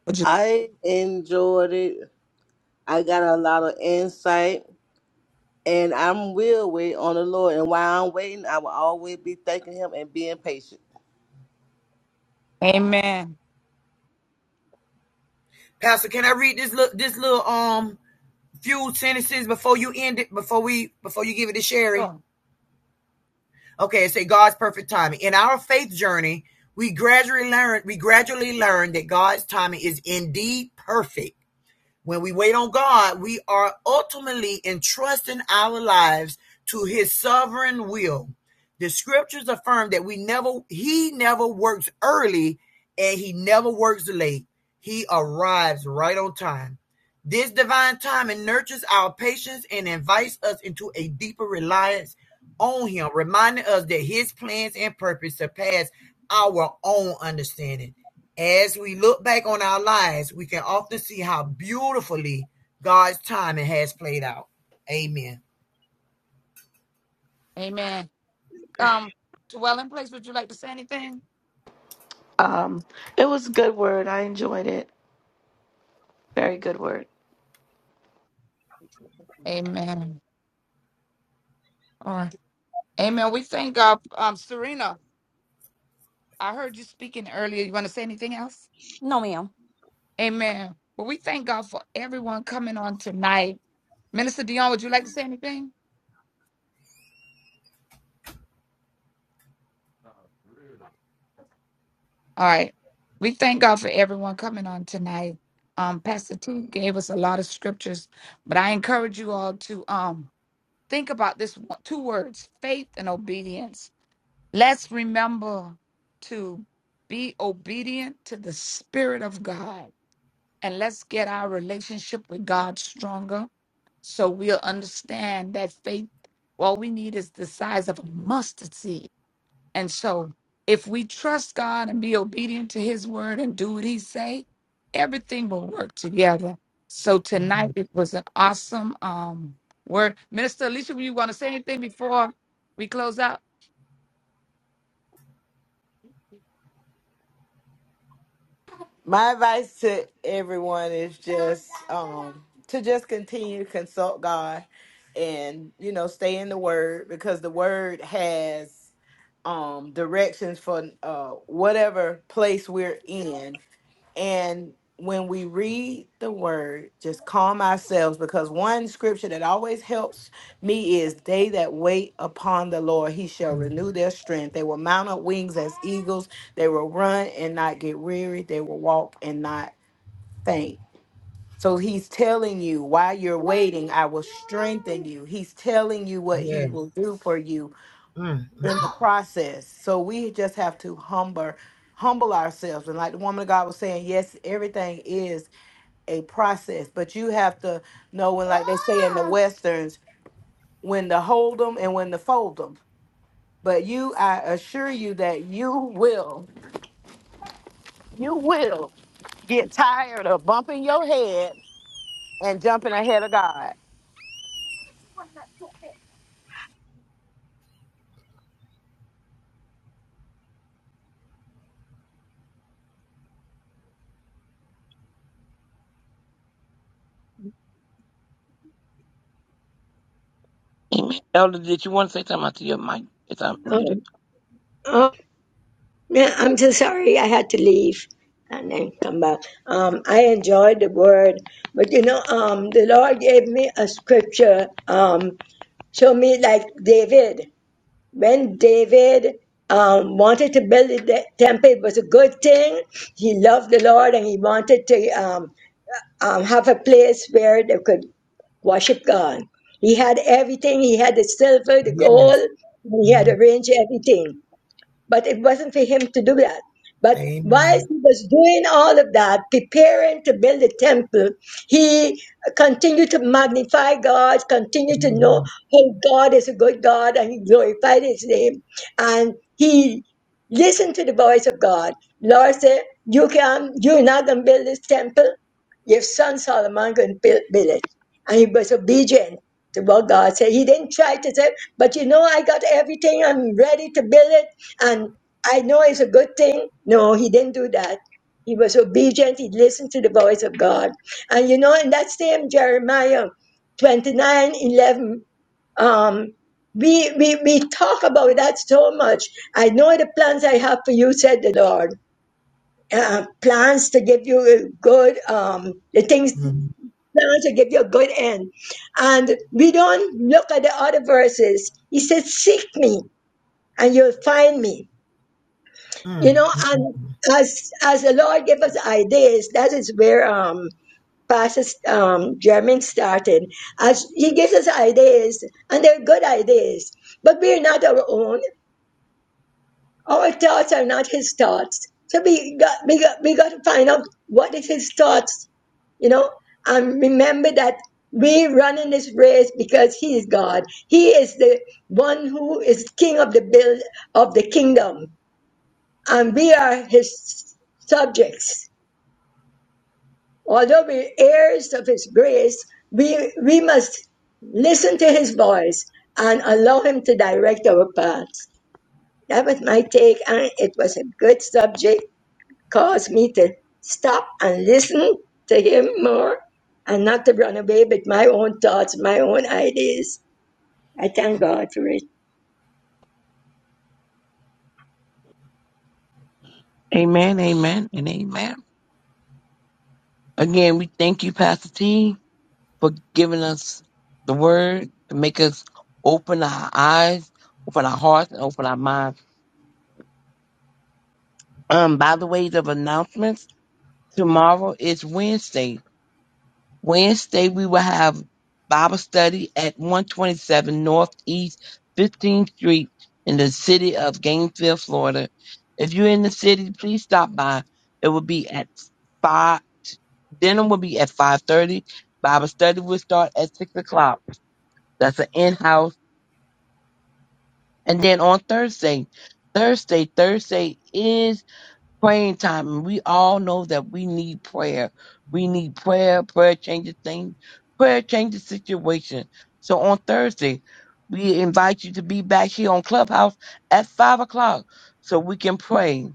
Speaker 1: would you?
Speaker 2: I enjoyed it. I got a lot of insight, and I'm will wait on the Lord. And while I'm waiting, I will always be thanking Him and being patient.
Speaker 1: Amen.
Speaker 6: Pastor, can I read this little this little um few sentences before you end it before we before you give it to Sherry?
Speaker 1: Sure.
Speaker 6: Okay, say God's perfect timing. In our faith journey, we gradually learn we gradually learn that God's timing is indeed perfect when we wait on God, we are ultimately entrusting our lives to his sovereign will. The scriptures affirm that we never he never works early and he never works late. He arrives right on time. This divine timing nurtures our patience and invites us into a deeper reliance on him, reminding us that his plans and purpose surpass our own understanding. As we look back on our lives, we can often see how beautifully God's timing has played out. Amen.
Speaker 1: Amen. Um, dwelling place, would you like to say anything?
Speaker 11: Um, it was a good word. I enjoyed it. Very good word.
Speaker 1: Amen. All right. Amen. We thank God. Um, Serena, I heard you speaking earlier. You want to say anything else?
Speaker 9: No, ma'am.
Speaker 1: Amen. Well, we thank God for everyone coming on tonight. Minister Dion, would you like to say anything? All right. We thank God for everyone coming on tonight. Um, Pastor T gave us a lot of scriptures, but I encourage you all to um think about this one- two words, faith and obedience. Let's remember to be obedient to the Spirit of God and let's get our relationship with God stronger so we'll understand that faith, all we need is the size of a mustard seed. And so if we trust God and be obedient to his word and do what he say, everything will work together. So tonight it was an awesome um word. Minister Alicia, you want to say anything before we close out?
Speaker 5: My advice to everyone is just um to just continue to consult God and you know stay in the word because the word has um directions for uh whatever place we're in and when we read the word, just calm ourselves because one scripture that always helps me is they that wait upon the Lord, he shall
Speaker 6: Mm.
Speaker 5: renew their strength. They will mount up wings as eagles. They will run and not get weary. They will walk and not faint. So he's telling you while you're waiting, I will strengthen you. He's telling you what he
Speaker 6: Yes.
Speaker 5: will do for you
Speaker 6: Mm,
Speaker 5: in
Speaker 6: mm,
Speaker 5: the
Speaker 6: mm.
Speaker 5: process. So we just have to humble humble ourselves. And like the woman of God was saying, yes, everything is a process, but you have to know when, like they say in the westerns, when to hold them and when to fold them. But you, I assure you that you will, you will get tired of bumping your head and jumping ahead of God.
Speaker 3: Amen. Elder, did you want to say something to your mic? It's unmuted.
Speaker 4: Oh. oh. Yeah, I'm so sorry I had to leave and then come back. Um, I enjoyed the word, but you know, um, the Lord gave me a scripture. Um, show me like David. When David um, wanted to build the de- temple, it was a good thing. He loved the Lord and he wanted to um, um, have a place where they could worship God. He had everything. He had the silver, the gold.
Speaker 6: Yes.
Speaker 4: He had
Speaker 6: Mm.
Speaker 4: arranged everything but it wasn't for him to do that. But while
Speaker 6: Amen.
Speaker 4: he was doing all of that, preparing to build the temple, he continued to magnify God, continued to know
Speaker 6: Mhm.
Speaker 4: how God is a good God, and he glorified his name. And he listened to the voice of God. Lord said, You can you're not gonna build this temple, your son Solomon can build, build it. And he was obedient to what God said. He didn't try to say, But you know, I got everything, I'm ready to build it and I know it's a good thing. No, he didn't do that. He was obedient. He listened to the voice of God. And you know, in that same Jeremiah 29 11, um, we, we, we talk about that so much. I know the plans I have for you, said the Lord. Uh, plans to give you a good, um, the things,
Speaker 6: Mm,
Speaker 4: plans to give you a good end. And we don't look at the other verses. He said, Seek me and you'll find me
Speaker 6: mm,
Speaker 4: You know,
Speaker 6: mm, mm,
Speaker 4: and
Speaker 6: mm.
Speaker 4: as as the Lord gave us ideas, that is where um Pastor um German started. As he gives us ideas, and they're good ideas, but we're not our own. Our thoughts are not his thoughts. So we got we got we got to find out what is his thoughts, you know, and remember that we run in this race because he is God. He is the one who is king of the build of the kingdom and we are his subjects. Although we're heirs of his grace, we, we must listen to his voice and allow him to direct our paths. That was my take, and it was a good subject. Caused me to stop and listen to him more and not to run away with my own thoughts, my own ideas. I thank God for it.
Speaker 3: Amen, amen, and amen. Again, we thank you, Pastor T, for giving us the word to make us open our eyes, open our hearts, and open our minds. Um, by the way of announcements, tomorrow is Wednesday. Wednesday we will have Bible study at 127 Northeast 15th Street in the city of Gainesville, Florida. If you're in the city, please stop by. It will be at five. Dinner will be at 5:30. Bible study will start at six o'clock. That's an in-house. And then on Thursday, Thursday, Thursday is praying time. And we all know that we need prayer. We need prayer. Prayer changes things. Prayer changes situations. So on Thursday, we invite you to be back here on Clubhouse at five o'clock so we can pray.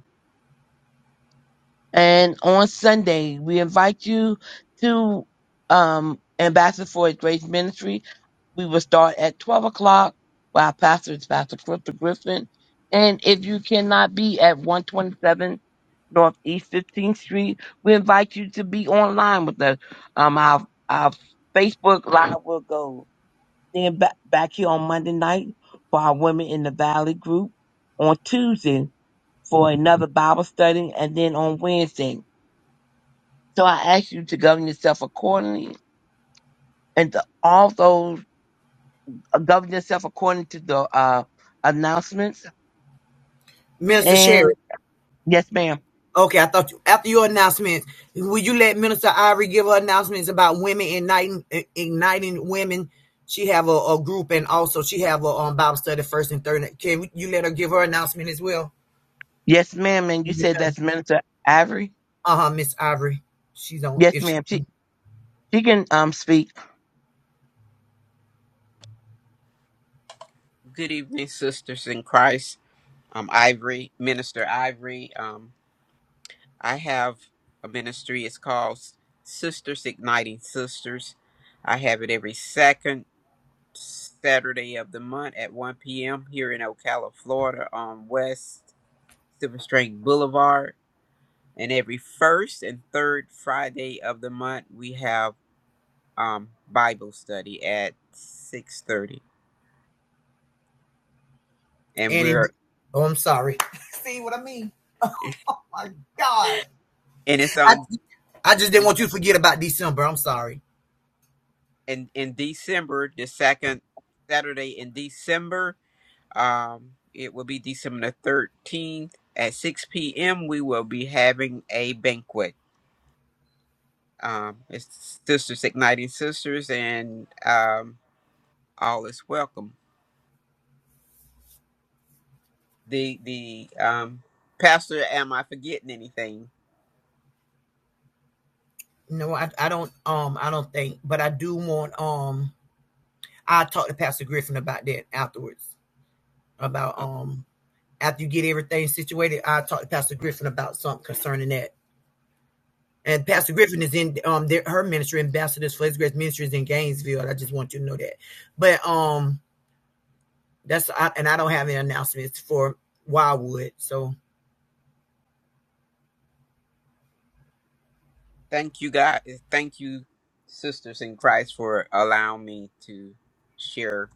Speaker 3: And on Sunday, we invite you to um, Ambassador for His Grace Ministry. We will start at 12 o'clock. While our pastor is Pastor Crystal Griffin. And if you cannot be at 127 Northeast 15th Street, we invite you to be online with us. Um, our, our Facebook Live will go. Then back, back here on Monday night for our Women in the Valley group. On Tuesday for another Bible study. And then on Wednesday so I ask you to govern yourself accordingly and to also govern yourself according to the uh, announcements.
Speaker 6: Minister
Speaker 3: And
Speaker 6: Sherry.
Speaker 3: yes, ma'am.
Speaker 6: Okay, I thought you, after your announcement, would you let Minister Ivory give her announcements about women igniting igniting women? She have a, a group and also she have a um, Bible study first and third. Can you let her give her announcement as well?
Speaker 3: Yes, ma'am. And you said that's Minister Avery.
Speaker 6: Uh-huh, Miss Ivory. She's on
Speaker 3: Yes,
Speaker 6: if she
Speaker 3: ma'am. She she can um speak.
Speaker 10: Good evening, sisters in Christ. Um, Ivory, Minister Ivory. Um, I have a ministry. It's called Sisters Igniting Sisters. I have it every second Saturday of the month at 1 p.m. here in Ocala, Florida, on West Silver String Boulevard. And every first and third Friday of the month, we have um Bible study at six thirty, and
Speaker 6: and in,
Speaker 10: we're
Speaker 6: oh I'm sorry. See what I mean?
Speaker 10: and
Speaker 6: My God.
Speaker 10: it's
Speaker 6: I
Speaker 10: on.
Speaker 6: I just didn't
Speaker 10: We
Speaker 6: want you
Speaker 10: have
Speaker 6: to forget about December. I'm sorry.
Speaker 10: in in December the second Saturday in December. Um, it will be December the thirteenth at six p.m. We will be having a banquet. Um, it's Sisters Igniting Sisters, and um, all is welcome. The the um pastor, am I forgetting anything?
Speaker 6: No, I, I don't um I don't think, but I do want um I talk to Pastor Griffin about that afterwards. About um after you get everything situated, I talk to Pastor Griffin about something concerning that. And
Speaker 10: Oh,
Speaker 6: Pastor Griffin is in um their, her ministry, ambassadors for His Grace Ministries in Gainesville. I just want you to know that. But um That's I, and I don't have any announcements for Wildwood. So,
Speaker 10: Thank you, God. Thank you, sisters in Christ, for allowing me to share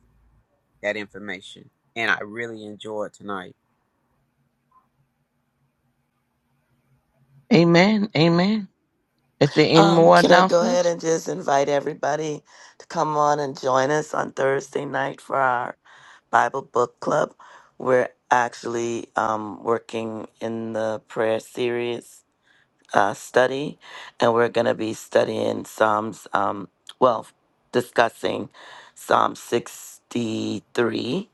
Speaker 10: that information. And I really enjoyed tonight.
Speaker 3: Amen. Amen. If there any
Speaker 11: Um,
Speaker 3: more
Speaker 11: can I go ahead
Speaker 3: announcements,
Speaker 11: and just invite everybody to come on and join us on Thursday night for our Bible book club? We're actually um, working in the prayer series uh, study, and we're going to be studying Psalms, um, well, discussing Psalm 63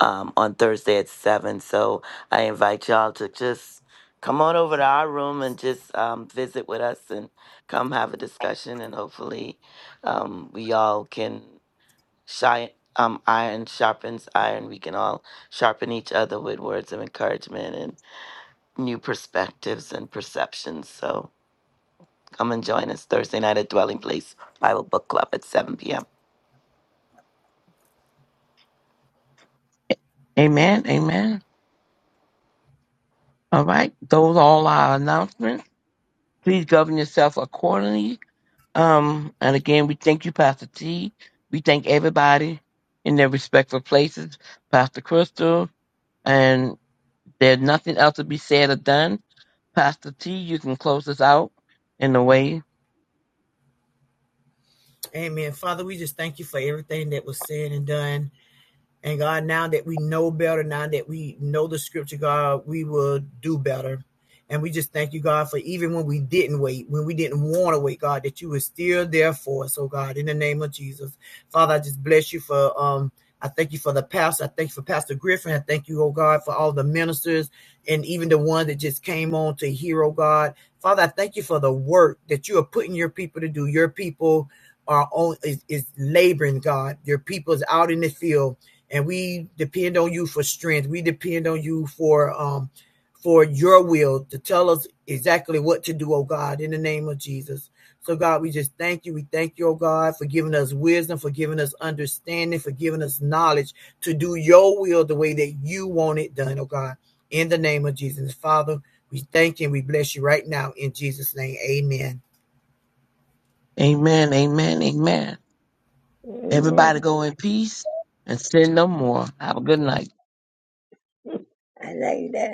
Speaker 11: um, on Thursday at 7. So I invite y'all to just come on over to our room and just um, visit with us and come have a discussion. And hopefully, um, we all can shine. Um, iron sharpens iron. We can all sharpen each other with words of encouragement and new perspectives and perceptions. So come and join us Thursday night at Dwelling Place Bible Book Club at 7 p.m.
Speaker 3: Amen. Amen. All right. Those are all our announcements. Please govern yourself accordingly Um, and again, we thank you, Pastor T. We thank everybody in their respectful places, Pastor Crystal, and there's nothing else to be said or done. Pastor T, you can close us out in a way.
Speaker 6: Amen. Father, we just thank you for everything that was said and done. And God, now that we know better, now that we know the scripture, God, we will do better. And we just thank you, God, for even when we didn't wait, when we didn't want to wait, God, that you were still there for us. Oh, God, in the name of Jesus. Father, I just bless you for, um, I thank you for the pastor. I thank you for Pastor Griffin. I thank you, oh God, for all the ministers and even the one that just came on to hear, oh God. Father, I thank you for the work that you are putting your people to do. Your people are on is, is laboring, God. Your people is out in the field and we depend on you for strength. We depend on you for um for your will to tell us exactly what to do, oh God, in the name of Jesus. So God, we just thank you. We thank you, oh God, for giving us wisdom, for giving us understanding, for giving us knowledge to do your will the way that you want it done, oh God. In the name of Jesus. Father, we thank you and we bless you right now in Jesus' name. Amen.
Speaker 3: Amen, amen, amen. Everybody
Speaker 4: Amen.
Speaker 3: go in peace and sin no more. Have a good night.
Speaker 4: I like that.